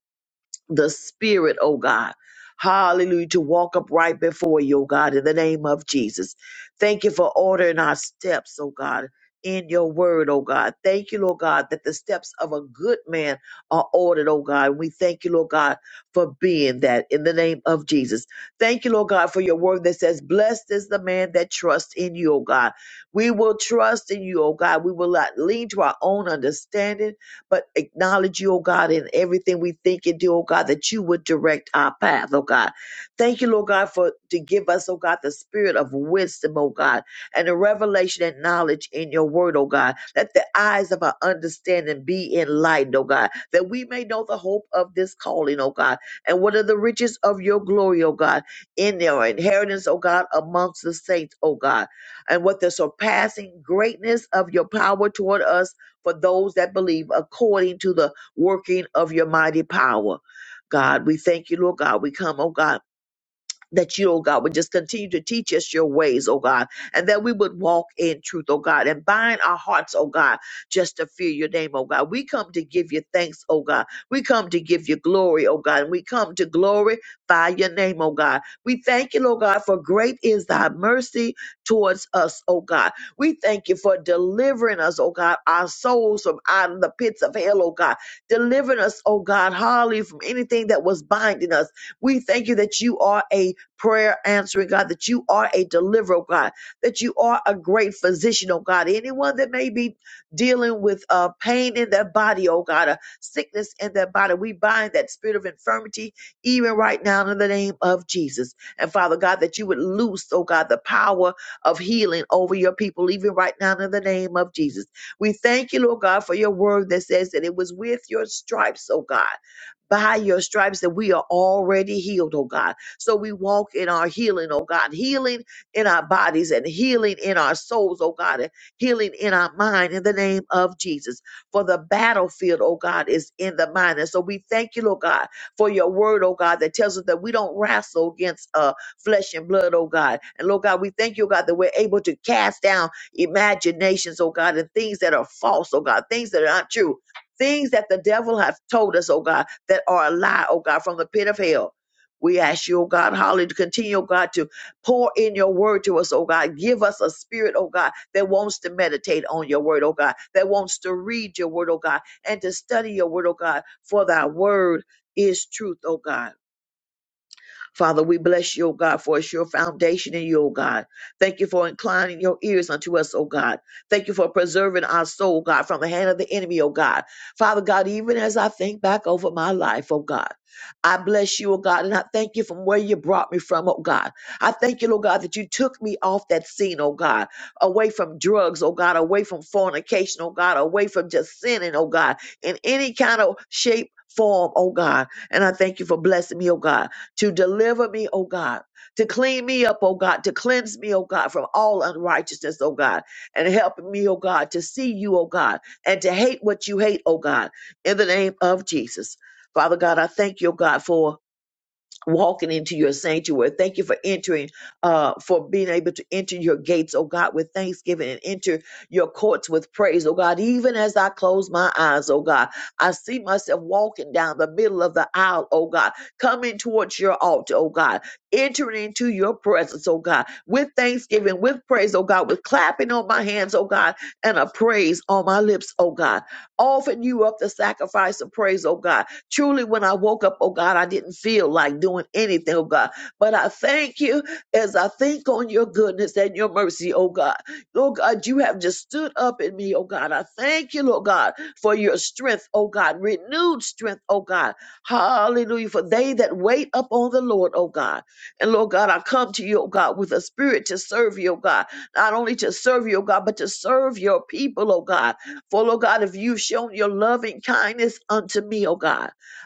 Speaker 7: the spirit, oh God. Hallelujah, to walk upright before you, oh God, in the name of Jesus. Thank you for ordering our steps, oh God, in your word, oh God. Thank you, Lord God, that the steps of a good man are ordered, oh God. We thank you, Lord God, for being that in the name of Jesus. Thank you, Lord God, for your word that says, Blessed is the man that trusts in you, oh God. We will trust in you, oh God. We will not lean to our own understanding but acknowledge you, oh God, in everything we think and do, oh God, that you would direct our path, oh God. Thank you, Lord God, for to give us, oh God, the spirit of wisdom, oh God, and the revelation and knowledge in your word, oh God. Let the eyes of our understanding be enlightened, oh God, that we may know the hope of this calling, oh God, and what are the riches of your glory, oh God, in their inheritance, oh God, amongst the saints, oh God, and what the surpassing greatness of your power toward us for those that believe according to the working of your mighty power. God, we thank you, Lord God. We come, oh God that you, oh God, would just continue to teach us your ways, oh God, and that we would walk in truth, oh God, and bind our hearts, oh God, just to fear your name, oh God. We come to give you thanks, oh God. We come to give you glory, oh God, and we come to glorify your name, oh God. We thank you, oh God, for great is thy mercy towards us, oh God. We thank you for delivering us, oh God, our souls from out of the pits of hell, oh God. Delivering us, oh God, hardly from anything that was binding us. We thank you that you are a prayer answering God, that you are a deliverer, oh God, that you are a great physician, oh God. Anyone that may be dealing with uh, pain in their body, oh God, a sickness in their body, we bind that spirit of infirmity even right now in the name of Jesus. And Father God, that you would loose, oh God, the power of healing over your people even right now in the name of Jesus. We thank you, Lord God, for your word that says that it was with your stripes, oh God by your stripes that we are already healed, oh God. So we walk in our healing, oh God, healing in our bodies and healing in our souls, oh God, and healing in our mind in the name of Jesus. For the battlefield, oh God, is in the mind. And so we thank you, Lord God, for your word, oh God, that tells us that we don't wrestle against uh, flesh and blood, oh God. And Lord God, we thank you, oh God, that we're able to cast down imaginations, oh God, and things that are false, oh God, things that are not true. Things that the devil have told us, oh God, that are a lie, oh God, from the pit of hell. We ask you, oh God, hallelujah, to continue, oh God, to pour in your word to us, oh God. Give us a spirit, oh God, that wants to meditate on your word, oh God, that wants to read your word, oh God, and to study your word, oh God, for thy word is truth, oh God. Father, we bless you, O God, for it's your foundation in you, O God. Thank you for inclining your ears unto us, O God. Thank you for preserving our soul, God, from the hand of the enemy, O God. Father God, even as I think back over my life, O God, I bless you, O God, and I thank you from where you brought me from, O God. I thank you, O God, that you took me off that scene, O God, away from drugs, oh God, away from fornication, oh God, away from just sinning, oh God, in any kind of shape, form, oh God. And I thank you for blessing me, oh God to deliver me, oh God, to clean me up, oh God, to cleanse me, oh God, from all unrighteousness, oh God, and help me, oh God, to see you, oh God, and to hate what you hate, oh God, in the name of Jesus. Father God, I thank you, oh God, for walking into your sanctuary. Thank you for entering, uh, for being able to enter your gates, oh God, with thanksgiving and enter your courts with praise, oh God. Even as I close my eyes, oh God, I see myself walking down the middle of the aisle, oh God, coming towards your altar, oh God, entering into your presence, oh God, with thanksgiving, with praise, oh God, with clapping on my hands, oh God, and a praise on my lips, oh God. Offering you up the sacrifice of praise, oh God Truly, when I woke up, oh God, I didn't feel like doing anything, oh God. But I thank you as I think on your goodness and your mercy, oh God. Lord God, you have just stood up in me, oh God. I thank you, Lord God, for your strength, oh God, renewed strength, oh God. Hallelujah. For they that wait upon the Lord, oh God. And Lord God, I come to you, oh God, with a spirit to serve you, oh God. Not only to serve you, oh God, but to serve your people, oh God. For Lord God, if you've shown your loving kindness unto me, oh God.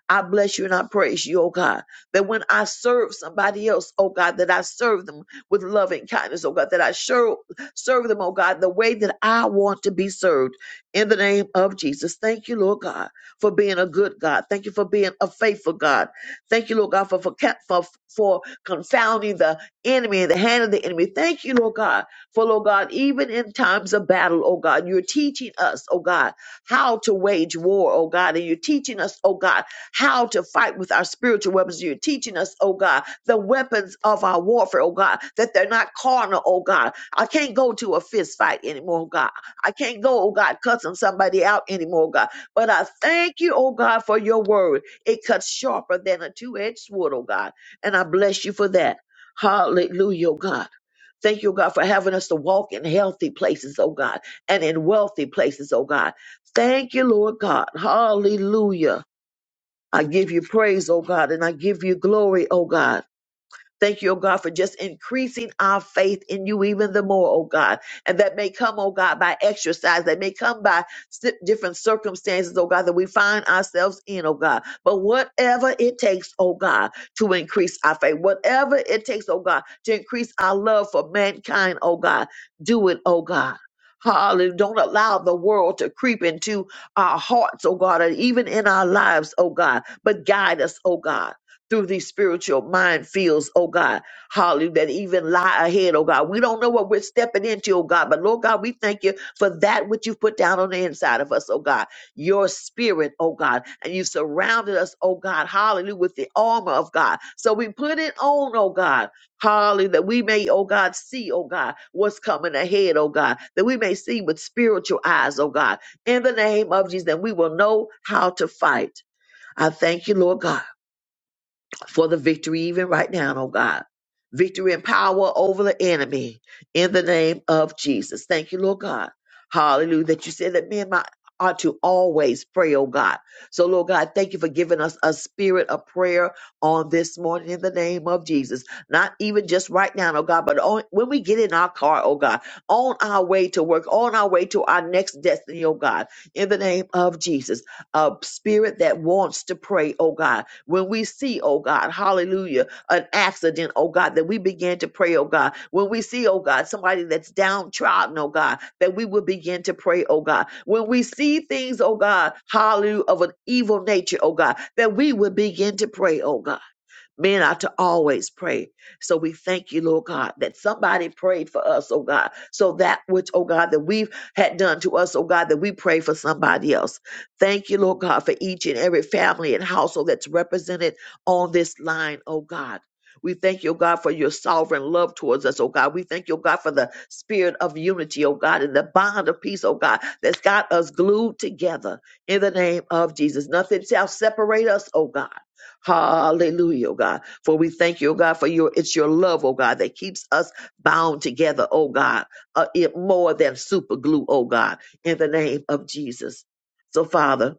Speaker 7: I bless you and I praise you, oh God, that when I serve somebody else, oh God, that I serve them with love and kindness, oh God, that I serve, serve them, oh God, the way that I want to be served in the name of Jesus. Thank you, Lord God, for being a good God. Thank you for being a faithful God. Thank you, Lord God, for, for, for, for confounding the enemy and the hand of the enemy. Thank you, Lord God, for, Lord God, even in times of battle, oh God, you're teaching us, oh God, how to wage war, oh God, and you're teaching us, oh God, how to fight with our spiritual weapons. You're teaching us, oh God, the weapons of our warfare, oh God, that they're not carnal, oh God. I can't go to a fist fight anymore, oh God. I can't go, oh God, cussing somebody out anymore, oh God. But I thank you, oh God, for your word. It cuts sharper than a two edged sword, oh God. And I bless you for that. Hallelujah, oh God. Thank you, oh God, for having us to walk in healthy places, oh God, and in wealthy places, oh God. Thank you, Lord God. Hallelujah. I give you praise, O God, and I give you glory, O God. Thank you, oh God, for just increasing our faith in you even the more, oh God. And that may come, oh God, by exercise. That may come by si- different circumstances, oh God, that we find ourselves in, oh God. But whatever it takes, oh God, to increase our faith, whatever it takes, oh God, to increase our love for mankind, oh God, do it, oh God. Hallelujah. Don't allow the world to creep into our hearts, oh God, and even in our lives, oh God, but guide us, oh God through these spiritual minefields, oh God, hallelujah, that even lie ahead, oh God. We don't know what we're stepping into, oh God, but Lord God, we thank you for that which you've put down on the inside of us, oh God, your spirit, oh God, and you surrounded us, oh God, hallelujah, with the armor of God. So we put it on, oh God, hallelujah, that we may, oh God, see, oh God, what's coming ahead, oh God, that we may see with spiritual eyes, oh God, in the name of Jesus, that we will know how to fight. I thank you, Lord God for the victory even right now, oh God. Victory and power over the enemy in the name of Jesus. Thank you, Lord God. Hallelujah. That you said that me and my ought to always pray, oh God. So, Lord God, thank you for giving us a spirit of prayer on this morning in the name of Jesus. Not even just right now, oh God, but on, when we get in our car, oh God, on our way to work, on our way to our next destiny, oh God, in the name of Jesus. A spirit that wants to pray, oh God when we see, oh God, hallelujah, an accident, oh God, that we begin to pray, oh God. When we see, oh God, somebody that's downtrodden, oh God, that we will begin to pray, oh God. When we see things, oh God, hallelujah, of an evil nature, oh God, that we will begin to pray, oh God. Men are to always pray. So we thank you, Lord God, that somebody prayed for us, oh God. So that which, oh God, that we've had done to us, oh God, that we pray for somebody else. Thank you, Lord God, for each and every family and household that's represented on this line, oh God. We thank you, oh God, for your sovereign love towards us, oh God. We thank you, oh God, for the spirit of unity, oh God, and the bond of peace, oh God, that's got us glued together in the name of Jesus. Nothing shall separate us, oh God Hallelujah, oh God. For we thank you, oh God, for your it's your love, oh God, that keeps us bound together, oh God, uh, it more than super glue, oh God, in the name of Jesus. So, Father,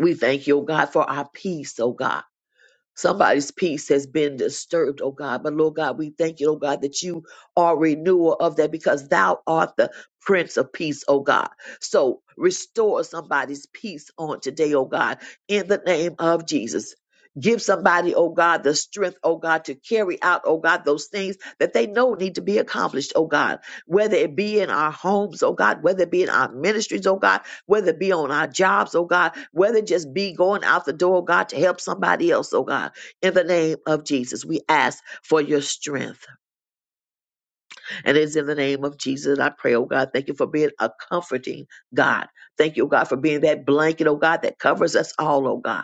Speaker 7: we thank you, oh God, for our peace, oh God. Somebody's peace has been disturbed, oh God. But Lord God, we thank you, oh God, that you are renewer of that because thou art the Prince of Peace, oh God. So restore somebody's peace on today, oh God, in the name of Jesus. Give somebody, oh God, the strength, oh God, to carry out, oh God, those things that they know need to be accomplished, oh God. Whether it be in our homes, oh God, whether it be in our ministries, oh God, whether it be on our jobs, oh God, whether it just be going out the door, oh God, to help somebody else, oh God. In the name of Jesus, we ask for your strength. And it's in the name of Jesus that I pray, oh God. Thank you for being a comforting God. Thank you, oh God, for being that blanket, oh God, that covers us all, oh God.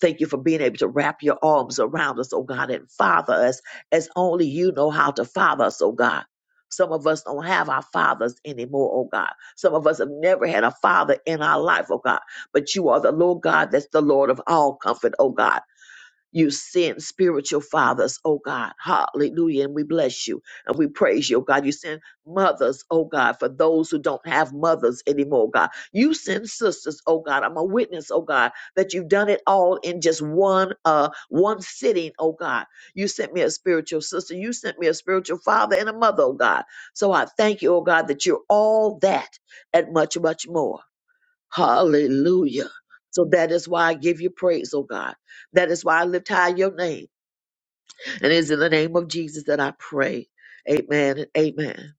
Speaker 7: Thank you for being able to wrap your arms around us, oh God, and father us as only you know how to father us, oh God. Some of us don't have our fathers anymore, oh God. Some of us have never had a father in our life, oh God. But you are the Lord God that's the Lord of all comfort, oh God. You send spiritual fathers, oh God. Hallelujah. And we bless you and we praise you, oh God. You send mothers, oh God, for those who don't have mothers anymore, God. You send sisters, oh God. I'm a witness, oh God, that you've done it all in just one uh one sitting, oh God. You sent me a spiritual sister, you sent me a spiritual father and a mother, oh God. So I thank you, oh God, that you're all that and much, much more. Hallelujah. So that is why I give you praise, oh God. That is why I lift high your name. And it is in the name of Jesus that I pray. Amen and amen.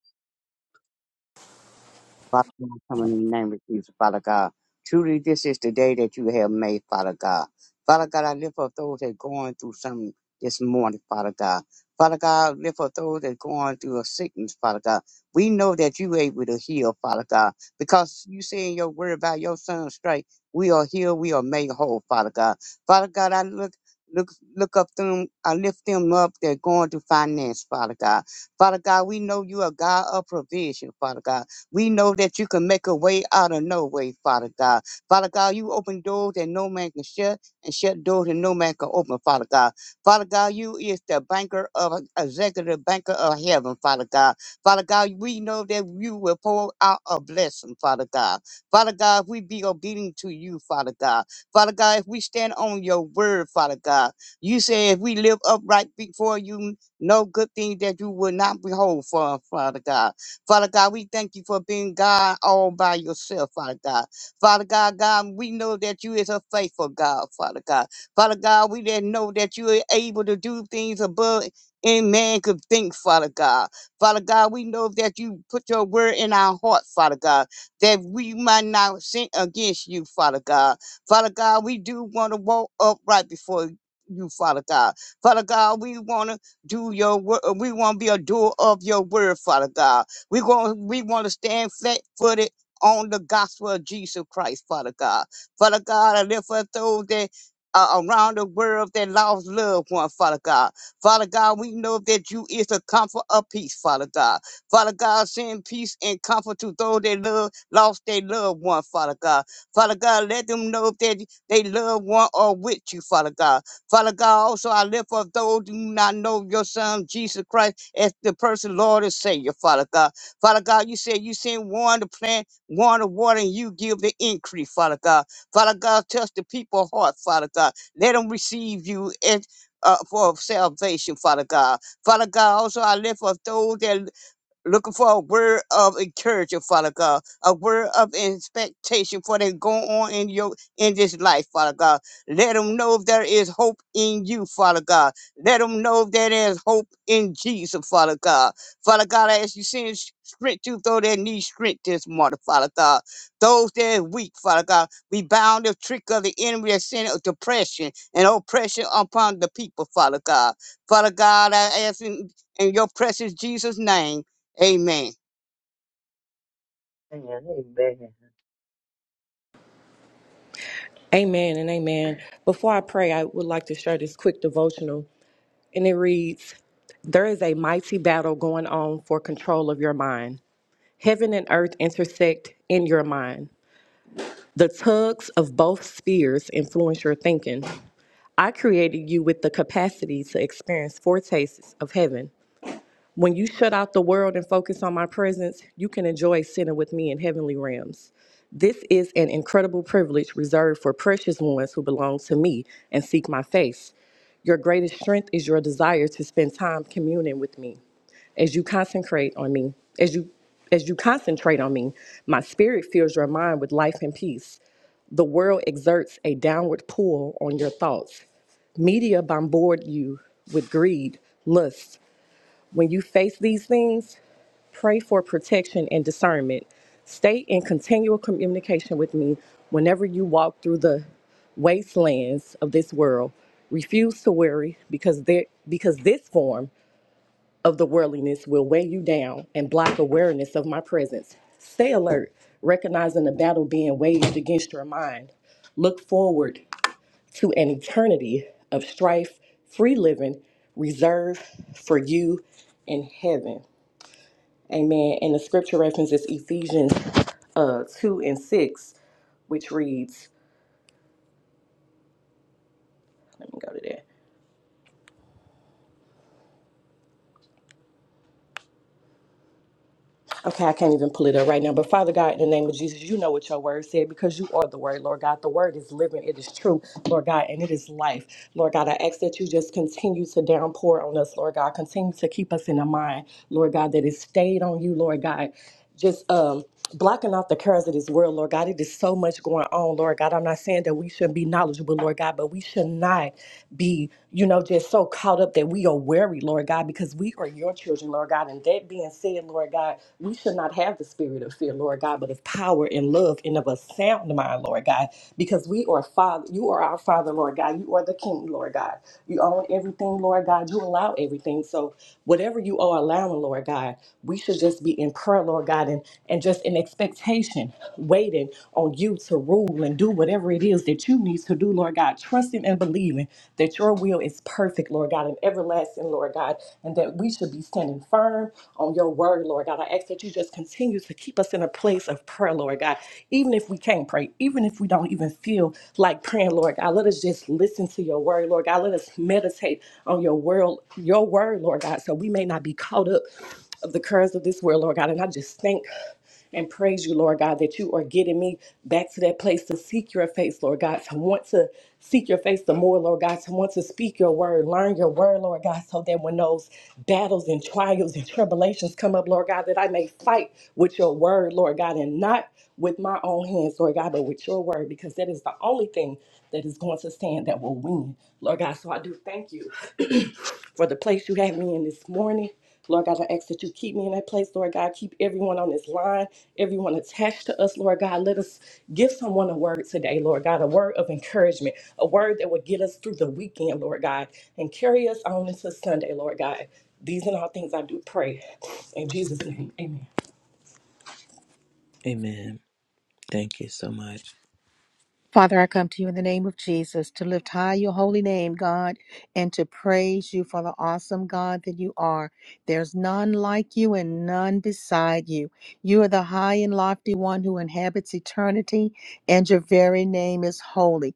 Speaker 9: Father God, come in the name of Jesus, Father God. Truly, this is the day that you have made, Father God. Father God, I lift up those that going through something this morning, Father God. Father God, lift up those that going through a sickness, Father God. We know that you able to heal, Father God, because you say in your word about your son's strike, we are healed, we are made whole, Father God. Father God, I look look look up them, I lift them up, they're going through finance, Father God. Father God, we know you are God of provision, Father God. We know that you can make a way out of no way, Father God. Father God, you open doors that no man can shut and shut doors that no man can open, Father God. Father God, you is the banker of executive banker of heaven, Father God. Father God, we know that you will pour out a blessing, Father God. Father God, if we be obedient to you, Father God. Father God, if we stand on your word, Father God, you say if we live upright before you, no good thing that you will not behold for, Father God. Father God, we thank you for being God all by yourself, Father God. Father God, God, we know that you is a faithful God, Father God. Father God, we then know that you are able to do things above any man could think, Father God. Father God, we know that you put your word in our heart, Father God, that we might not sin against you, Father God. Father God, we do want to walk upright before you, Father God. Father God, we want to do your word. We want to be a doer of your word, Father God. We going we want to stand flat footed on the gospel of Jesus Christ, Father God. Father God, I lift up those that uh, around the world that lost loved one, Father God. Father God, we know that you is a comfort of peace, Father God. Father God, send peace and comfort to those that love lost their loved one, Father God. Father God, let them know that they loved one are with you, Father God. Father God, also I lift up those who do not know your son Jesus Christ as the person Lord and Savior, Father God. Father God, you said you send one to plant, one to water, and you give the increase, Father God. Father God, touch the people's heart, Father God. Let them receive you as, uh, for salvation, Father God. Father God, also I lift up those that looking for a word of encouragement, Father God, a word of expectation for they go on in your in this life, Father God. Let them know there is hope in you, Father God. Let them know that there is hope in Jesus, Father God. Father God, I ask you send s- strength to those that need strength this morning, Father God. Those that are weak, Father God, we bound the trick of the enemy that sent of depression and oppression upon the people, Father God. Father God, I ask in, in your precious Jesus' name Amen.
Speaker 7: Amen. Amen.
Speaker 10: Amen and amen. Before I pray, I would like to share this quick devotional. And it reads There is a mighty battle going on for control of your mind. Heaven and earth intersect in your mind. The tugs of both spheres influence your thinking. I created you with the capacity to experience foretastes of heaven. When you shut out the world and focus on my presence, you can enjoy sitting with me in heavenly realms. This is an incredible privilege reserved for precious ones who belong to me and seek my face. Your greatest strength is your desire to spend time communing with me. As you concentrate on me, as you as you concentrate on me, my spirit fills your mind with life and peace. The world exerts a downward pull on your thoughts. Media bombard you with greed, lust, when you face these things, pray for protection and discernment. Stay in continual communication with me whenever you walk through the wastelands of this world. Refuse to worry because there because this form of the worldliness will weigh you down and block awareness of my presence. Stay alert, recognizing the battle being waged against your mind. Look forward to an eternity of strife, free living, reserved for you in heaven. Amen. And the scripture reference is Ephesians uh, 2 and 6, which reads, let me go to that. Okay, I can't even pull it up right now. But Father God, in the name of Jesus, you know what your word said because you are the word, Lord God. The word is living, it is true, Lord God, and it is life. Lord God, I ask that you just continue to downpour on us, Lord God. Continue to keep us in a mind, Lord God, that is stayed on you, Lord God just um blocking out the cares of this world, Lord God. It is so much going on, Lord God. I'm not saying that we shouldn't be knowledgeable, Lord God, but we should not be, you know, just so caught up that we are wary, Lord God, because we are your children, Lord God. And that being said, Lord God, we should not have the spirit of fear, Lord God, but of power and love and of a sound mind, Lord God, because we are Father, you are our Father, Lord God. You are the King, Lord God. You own everything, Lord God. You allow everything. So whatever you are allowing, Lord God. God. We should just be in prayer, Lord God, and, and just in expectation, waiting on you to rule and do whatever it is that you need to do, Lord God, trusting and believing that your will is perfect, Lord God, and everlasting, Lord God, and that we should be standing firm on your word, Lord God. I ask that you just continue to keep us in a place of prayer, Lord God, even if we can't pray, even if we don't even feel like praying, Lord God. Let us just listen to your word, Lord God. Let us meditate on your word, your word, Lord God, so we may not be caught up of the currents of this world, Lord God. And I just thank and praise you, Lord God, that you are getting me back to that place to seek your face, Lord God, to want to seek your face the more, Lord God, to want to speak your word, learn your word, Lord God, so that when those battles and trials and tribulations come up, Lord God, that I may fight with your word, Lord God, and not with my own hands, Lord God, but with your word, because that is the only thing that is going to stand that will win, Lord God. So I do thank you for the place you have me in this morning. Lord God, I ask that you keep me in that place, Lord God. Keep everyone on this line, everyone attached to us, Lord God. Let us give someone a word today, Lord God, a word of encouragement, a word that would get us through the weekend, Lord God, and carry us on into Sunday, Lord God. These and all things I do pray. In Jesus' name,
Speaker 2: Amen. Thank you so much.
Speaker 1: Father, I come to you in the name of Jesus to lift high your holy name, God, and to praise you for the awesome God that you are. There's none like you and none beside you. You are the high and lofty one who inhabits eternity, and your very name is holy.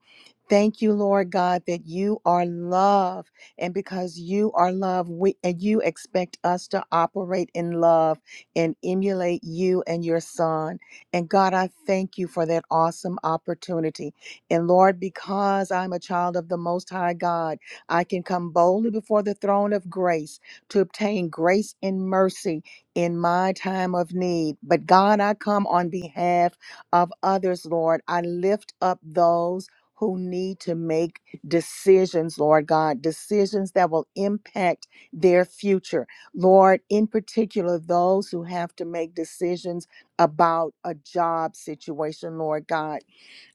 Speaker 1: Thank you, Lord God, that you are love, and because you are love, we and you expect us to operate in love and emulate you and your Son. And God, I thank you for that awesome opportunity. And Lord, because I'm a child of the Most High God, I can come boldly before the throne of grace to obtain grace and mercy in my time of need. But God, I come on behalf of others, Lord. I lift up those. Who need to make decisions, Lord God, decisions that will impact their future. Lord, in particular, those who have to make decisions about a job situation, Lord God.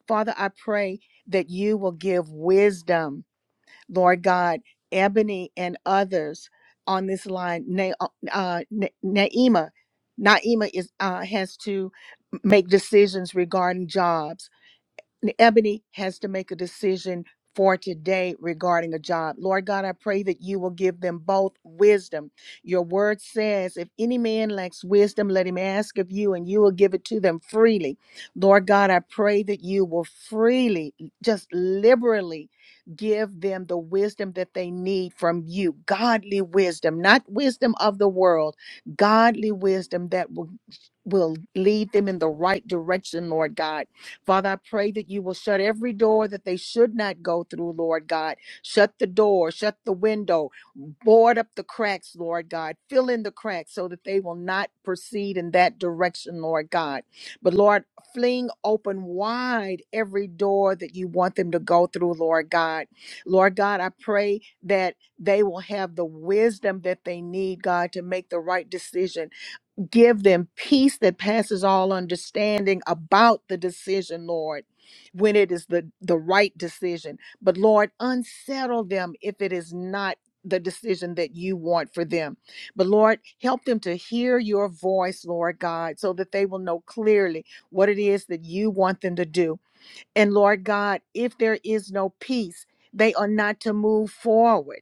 Speaker 1: Father, I pray that you will give wisdom, Lord God, Ebony and others on this line. Na- uh, uh, Na- Naima, Naima is uh, has to make decisions regarding jobs. Ebony has to make a decision for today regarding a job. Lord God, I pray that you will give them both wisdom. Your word says, if any man lacks wisdom, let him ask of you, and you will give it to them freely. Lord God, I pray that you will freely, just liberally, give them the wisdom that they need from you godly wisdom, not wisdom of the world, godly wisdom that will, will lead them in the right direction, Lord God Father, I pray that you will shut every door that they should not go through, Lord God. Shut the door, shut the window, board up the cracks, Lord God. Fill in the cracks so that they will not proceed in that direction, Lord God. But Lord, fling open wide every door that you want them to go through, Lord God. Lord God, I pray that they will have the wisdom that they need, God, to make the right decision Give them peace that passes all understanding about the decision, Lord, when it is the, the right decision. But Lord, unsettle them if it is not the decision that you want for them. But Lord, help them to hear your voice, Lord God, so that they will know clearly what it is that you want them to do. And Lord God, if there is no peace, they are not to move forward.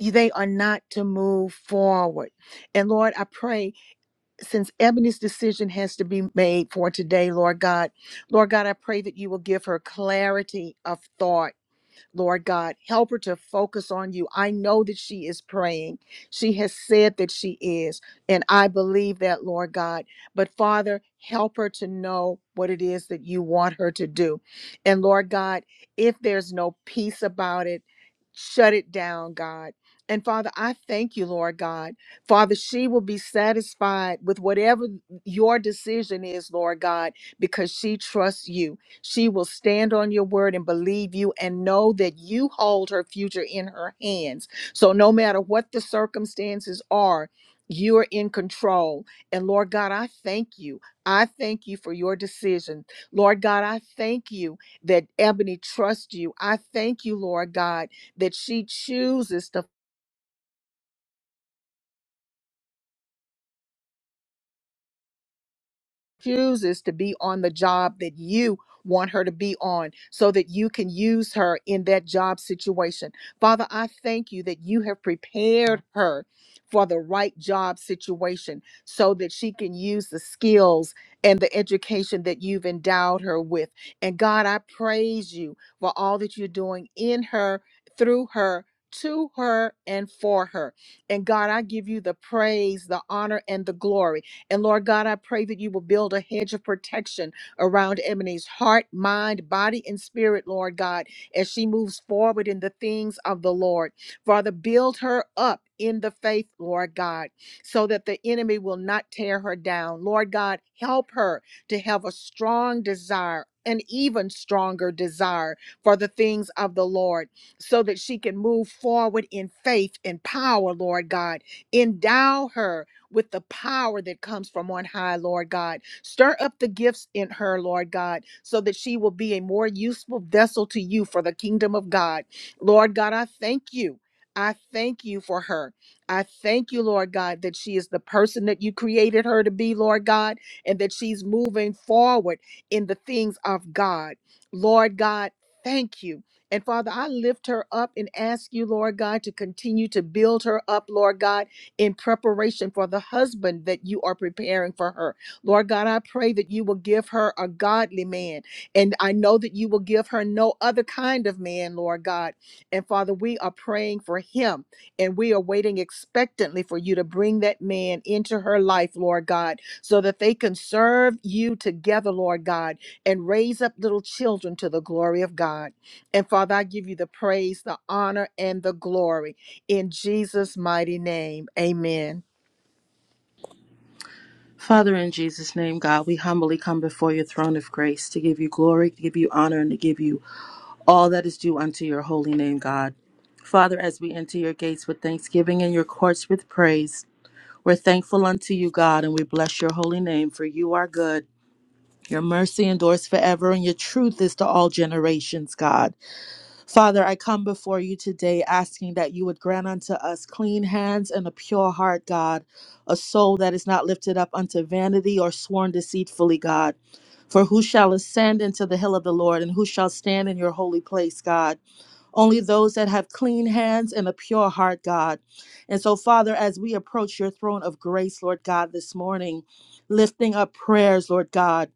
Speaker 1: They are not to move forward. And Lord, I pray since Ebony's decision has to be made for today, Lord God, Lord God, I pray that you will give her clarity of thought Lord God. Help her to focus on you. I know that she is praying. She has said that she is, and I believe that, Lord God. But Father, help her to know what it is that you want her to do. And Lord God, if there's no peace about it, shut it down, God. And Father, I thank you, Lord God. Father, she will be satisfied with whatever your decision is, Lord God, because she trusts you. She will stand on your word and believe you and know that you hold her future in her hands. So, no matter what the circumstances are, you're in control. And Lord God, I thank you. I thank you for your decision. Lord God, I thank you that Ebony trusts you. I thank you, Lord God, that she chooses to chooses to be on the job that you want her to be on so that you can use her in that job situation. Father, I thank you that you have prepared her for the right job situation so that she can use the skills and the education that you've endowed her with. And God, I praise you for all that you're doing in her, through her. To her and for her. And God, I give you the praise, the honor, and the glory and Lord God, I pray that you will build a hedge of protection around Ebony's heart, mind, body, and spirit, Lord God, as she moves forward in the things of the Lord. Father, build her up in the faith, Lord God, so that the enemy will not tear her down. Lord God, help her to have a strong desire. An even stronger desire for the things of the Lord so that she can move forward in faith and power, Lord God. Endow her with the power that comes from on high, Lord God. Stir up the gifts in her, Lord God, so that she will be a more useful vessel to you for the kingdom of God. Lord God, I thank you. I thank you for her. I thank you, Lord God, that she is the person that you created her to be, Lord God, and that she's moving forward in the things of God. Lord God, thank you. And Father, I lift her up and ask you, Lord God, to continue to build her up, Lord God, in preparation for the husband that you are preparing for her. Lord God, I pray that you will give her a godly man. And I know that you will give her no other kind of man, Lord God. And Father, we are praying for him and we are waiting expectantly for you to bring that man into her life, Lord God, so that they can serve you together, Lord God, and raise up little children to the glory of God. And Father, I give you the praise, the honor, and the glory. In Jesus' mighty name, amen.
Speaker 11: Father, in Jesus' name, God, we humbly come before your throne of grace to give you glory, to give you honor, and to give you all that is due unto your holy name, God. Father, as we enter your gates with thanksgiving and your courts with praise, we're thankful unto you, God, and we bless your holy name, for you are good. Your mercy endures forever, and your truth is to all generations, God. Father, I come before you today asking that you would grant unto us clean hands and a pure heart, God, a soul that is not lifted up unto vanity or sworn deceitfully, God. For who shall ascend into the hill of the Lord and who shall stand in your holy place, God? Only those that have clean hands and a pure heart, God. And so, Father, as we approach your throne of grace, Lord God, this morning, lifting up prayers, Lord God.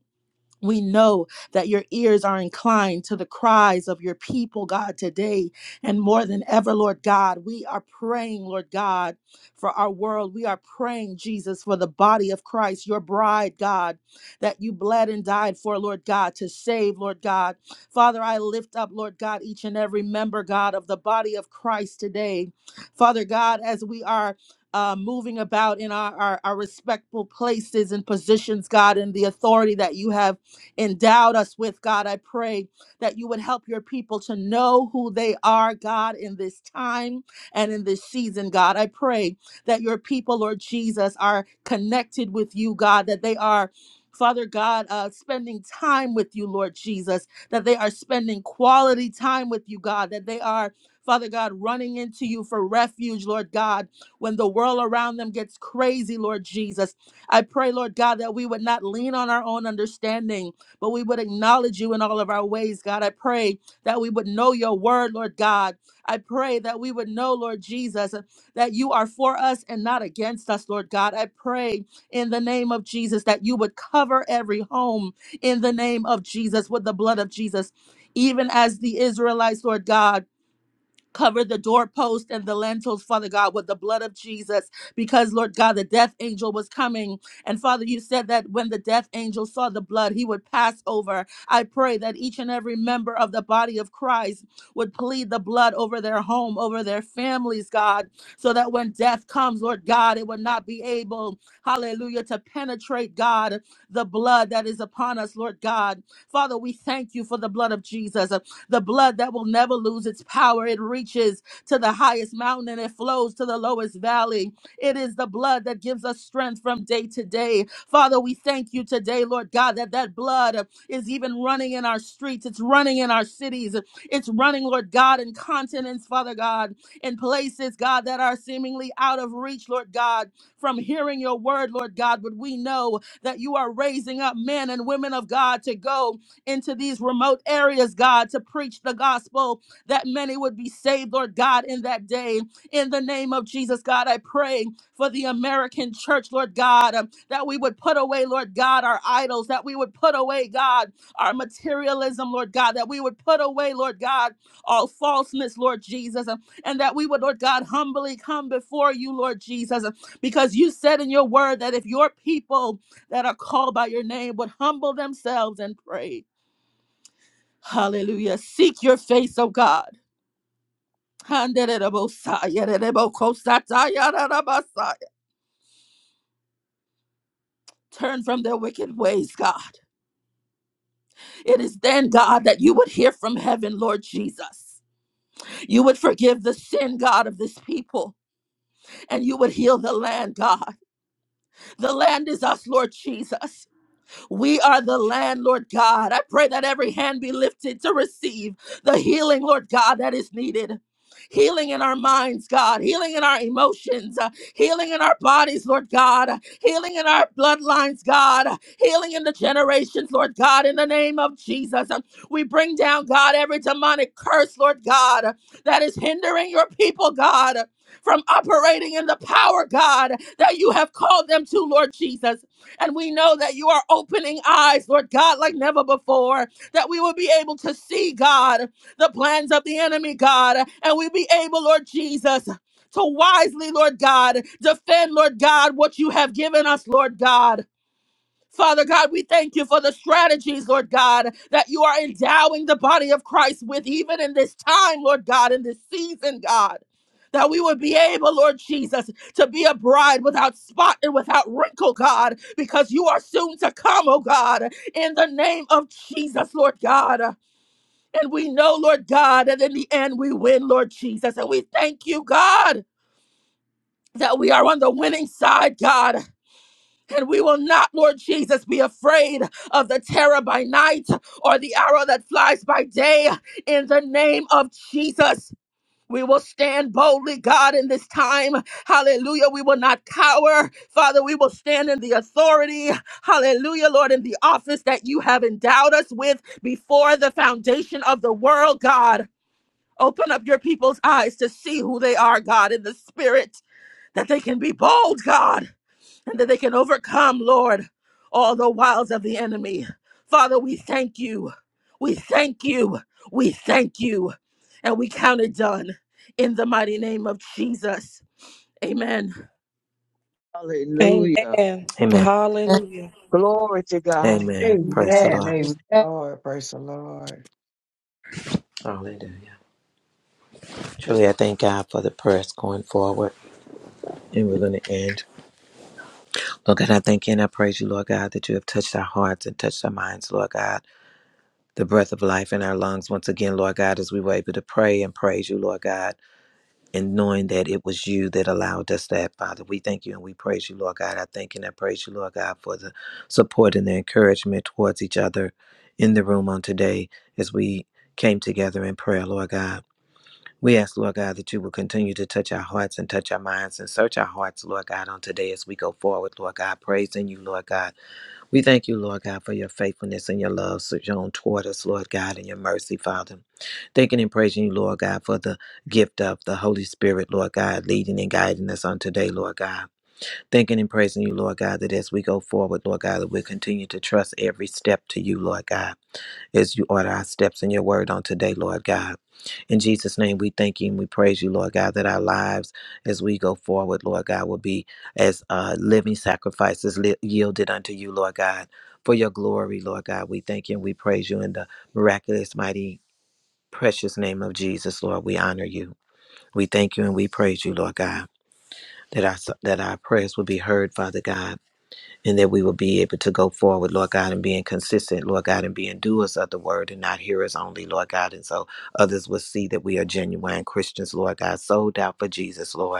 Speaker 11: We know that your ears are inclined to the cries of your people, God, today. And more than ever, Lord God, we are praying, Lord God, for our world. We are praying, Jesus, for the body of Christ, your bride, God, that you bled and died for, Lord God, to save, Lord God. Father, I lift up, Lord God, each and every member, God, of the body of Christ today. Father God, as we are uh, moving about in our, our, our respectful places and positions, God, and the authority that you have endowed us with, God. I pray that you would help your people to know who they are, God, in this time and in this season, God. I pray that your people, Lord Jesus, are connected with you, God, that they are. Father God, uh, spending time with you, Lord Jesus, that they are spending quality time with you, God, that they are, Father God, running into you for refuge, Lord God, when the world around them gets crazy, Lord Jesus. I pray, Lord God, that we would not lean on our own understanding, but we would acknowledge you in all of our ways, God. I pray that we would know your word, Lord God. I pray that we would know, Lord Jesus, that you are for us and not against us, Lord God. I pray in the name of Jesus that you would cover every home in the name of Jesus with the blood of Jesus, even as the Israelites, Lord God. Cover the doorpost and the lentils, Father God, with the blood of Jesus, because, Lord God, the death angel was coming. And Father, you said that when the death angel saw the blood, he would pass over. I pray that each and every member of the body of Christ would plead the blood over their home, over their families, God, so that when death comes, Lord God, it would not be able, hallelujah, to penetrate, God, the blood that is upon us, Lord God. Father, we thank you for the blood of Jesus the blood that will never lose its power. It reaches to the highest mountain and it flows to the lowest valley. It is the blood that gives us strength from day to day. Father, we thank you today, Lord God, that that blood is even running in our streets. It's running in our cities. It's running, Lord God, in continents, Father God, in places, God, that are seemingly out of reach, Lord God, from hearing your word, Lord God. But we know that you are raising up men and women of God to go into these remote areas, God, to preach the gospel that many would be saved, Lord God, in that day. In the name of Jesus, God, I pray for the American church, Lord God, um, that we would put away, Lord God, our idols, that we would put away, God, our materialism, Lord God, that we would put away, Lord God, all falseness, Lord Jesus, um, and that we would, Lord God, humbly come before you, Lord Jesus, um, because you said in your word that if your people that are called by your name would humble themselves and pray Hallelujah. Seek your face, O God. Turn from their wicked ways, God. It is then, God, that you would hear from heaven, Lord Jesus. You would forgive the sin, God, of this people, and you would heal the land, God. The land is us, Lord Jesus. We are the land, Lord God. I pray that every hand be lifted to receive the healing, Lord God, that is needed. Healing in our minds, God, healing in our emotions, uh, healing in our bodies, Lord God, uh, healing in our bloodlines, God, uh, healing in the generations, Lord God, in the name of Jesus. Um, We bring down, God, every demonic curse, Lord God, uh, that is hindering your people, God, uh, from operating in the power, God, that you have called them to, Lord Jesus. And we know that you are opening eyes, Lord God, like never before, that we will be able to see, God, the plans of the enemy, God, and we be able, Lord Jesus, to wisely, Lord God, defend, Lord God, what you have given us, Lord God. Father God, we thank you for the strategies, Lord God, that you are endowing the body of Christ with, even in this time, Lord God, in this season, God. That we would be able, Lord Jesus, to be a bride without spot and without wrinkle, God, because you are soon to come, oh God, in the name of Jesus, Lord God. And we know, Lord God, that in the end we win, Lord Jesus. And we thank you, God, that we are on the winning side, God. And we will not, Lord Jesus, be afraid of the terror by night or the arrow that flies by day. In the name of Jesus, we will stand boldly, God, in this time. Hallelujah. We will not cower. Father, we will stand in the authority. Hallelujah, Lord, in the office that you have endowed us with before the foundation of the world, God. Open up your people's eyes to see who they are, God, in the spirit, that they can be bold, God and that they can overcome, Lord, all the wiles of the enemy. Father, we thank you. We thank you. We thank you. And we count it done in the mighty name of Jesus. Amen.
Speaker 10: amen.
Speaker 7: Hallelujah.
Speaker 10: Amen.
Speaker 2: Amen.
Speaker 1: Amen.
Speaker 10: Hallelujah.
Speaker 7: Glory to God.
Speaker 2: Amen. Praise the
Speaker 8: Amen.
Speaker 3: Amen.
Speaker 2: Lord.
Speaker 8: Praise the
Speaker 3: Amen.
Speaker 8: Lord. Praise the Lord.
Speaker 2: Hallelujah. Truly, I thank God for the prayers going forward. And we're going to end. Lord God, I thank you and I praise you, Lord God, that you have touched our hearts and touched our minds, Lord God. The breath of life in our lungs, once again, Lord God, as we were able to pray and praise you, Lord God, and knowing that it was you that allowed us that, Father. We thank you and we praise you, Lord God. I thank you and I praise you, Lord God, for the support and the encouragement towards each other in the room on today as we came together in prayer, Lord God. We ask, Lord God, that you will continue to touch our hearts and touch our minds and search our hearts, Lord God, on today as we go forward, Lord God, praising you, Lord God we thank you, Lord God, for your faithfulness and your love so shown toward us, Lord God, and your mercy, Father. Thanking and praising you, Lord God, for the gift of the Holy Spirit, Lord God, leading and guiding us on today, Lord God. Thanking and praising you, Lord God, that as we go forward, Lord God, that we continue to trust every step to you, Lord God as you order our steps in your word on today, Lord God. In Jesus' name, we thank you and we praise you, Lord God, that our lives as we go forward, Lord God, will be as uh, living sacrifices li- yielded unto you, Lord God, for your glory, Lord God. We thank you and we praise you in the miraculous, mighty, precious name of Jesus, Lord. We honor you. We thank you and we praise you, Lord God, that our, that our prayers will be heard, Father God and that we will be able to go forward, Lord God, and being consistent, Lord God, and being doers of the word and not hearers only, Lord God. And so others will see that we are genuine Christians, Lord God, sold out for Jesus, Lord.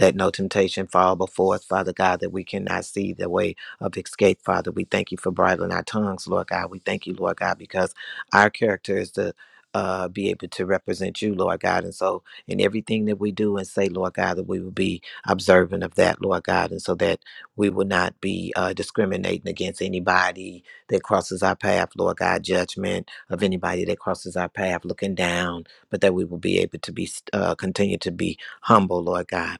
Speaker 2: Let no temptation fall before us, Father God, that we cannot see the way of escape, Father. We thank you for bridling our tongues, Lord God. We thank you, Lord God, because our character is to uh, be able to represent you, Lord God. And so, in everything that we do and say, Lord God, that we will be observant of that, Lord God, and so that we will not be uh, discriminating against anybody that crosses our path, Lord God, judgment of anybody that crosses our path, looking down, but that we will be able to be, uh, continue to be humble, Lord God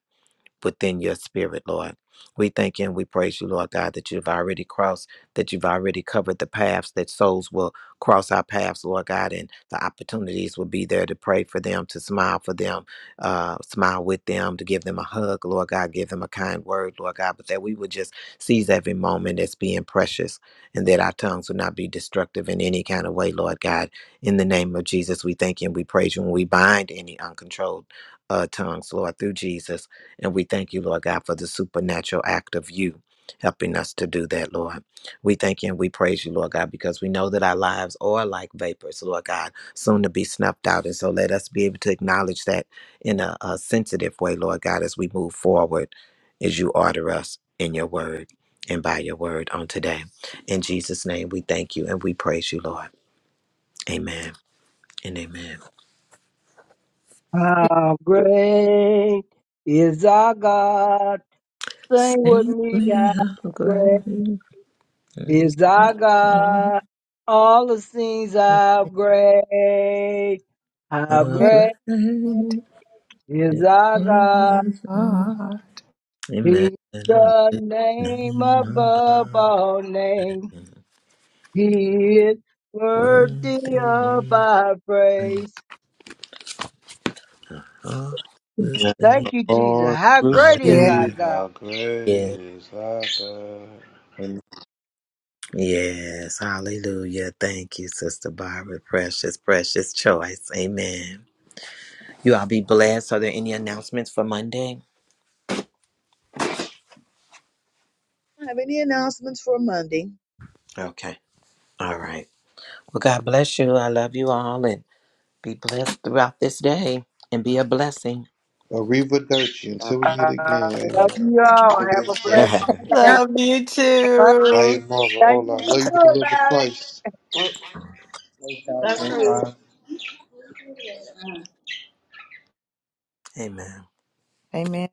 Speaker 2: within your spirit, Lord. We thank you and we praise you, Lord God, that you've already crossed, that you've already covered the paths, that souls will cross our paths, Lord God, and the opportunities will be there to pray for them, to smile for them, uh, smile with them, to give them a hug, Lord God, give them a kind word, Lord God, but that we would just seize every moment as being precious and that our tongues will not be destructive in any kind of way, Lord God. In the name of Jesus, we thank you and we praise you and we bind any uncontrolled uh, tongues, Lord, through Jesus. And we thank you, Lord God, for the supernatural act of you helping us to do that, Lord. We thank you and we praise you, Lord God, because we know that our lives are like vapors, Lord God, soon to be snuffed out. And so let us be able to acknowledge that in a, a sensitive way, Lord God, as we move forward, as you order us in your word and by your word on today. In Jesus' name, we thank you and we praise you, Lord. Amen and amen.
Speaker 3: How great is our God. Sing with
Speaker 2: Sing
Speaker 3: me,
Speaker 2: me
Speaker 3: how
Speaker 2: how
Speaker 3: great
Speaker 2: great is
Speaker 3: is
Speaker 2: thy
Speaker 3: our
Speaker 2: name.
Speaker 3: God. All the things how great, how
Speaker 2: Amen.
Speaker 3: great. Is our God?
Speaker 1: Ah,
Speaker 3: he's the
Speaker 2: Hallelujah.
Speaker 3: name
Speaker 2: Name
Speaker 3: above
Speaker 2: above
Speaker 3: all names.
Speaker 2: and
Speaker 3: He is worthy of
Speaker 2: worthy
Speaker 3: our
Speaker 2: and
Speaker 3: praise.
Speaker 6: Yeah.
Speaker 2: obviously.
Speaker 3: Thank you, Jesus.
Speaker 6: Lord,
Speaker 3: How
Speaker 6: we
Speaker 3: great is
Speaker 1: yeah.
Speaker 3: our
Speaker 6: see
Speaker 2: Hallelujah.
Speaker 3: God?
Speaker 6: how great
Speaker 2: Yes.
Speaker 6: is thy God. And
Speaker 2: Yes. Hallelujah. Thank you, Sister Barbara. Precious, precious choice. Amen. You all be blessed. Are there any announcements for Monday? Okay. All right. Well, God bless you. I love you all and be blessed throughout this day and be a blessing.
Speaker 6: arrivederci
Speaker 9: God
Speaker 6: until we meet
Speaker 3: I
Speaker 6: again,
Speaker 3: love
Speaker 6: amen.
Speaker 3: you all.
Speaker 6: It
Speaker 3: Have a
Speaker 6: is so.
Speaker 3: blessed day.
Speaker 8: Love you
Speaker 6: I
Speaker 8: too.
Speaker 6: am Marva.
Speaker 3: Thank
Speaker 6: Ola.
Speaker 3: you
Speaker 6: I
Speaker 3: for
Speaker 6: love you with the love of
Speaker 3: good,
Speaker 6: Christ.
Speaker 4: Well,
Speaker 12: Praise God,
Speaker 4: that's
Speaker 12: praise
Speaker 4: right.
Speaker 12: God.
Speaker 2: Amen.
Speaker 1: Amen.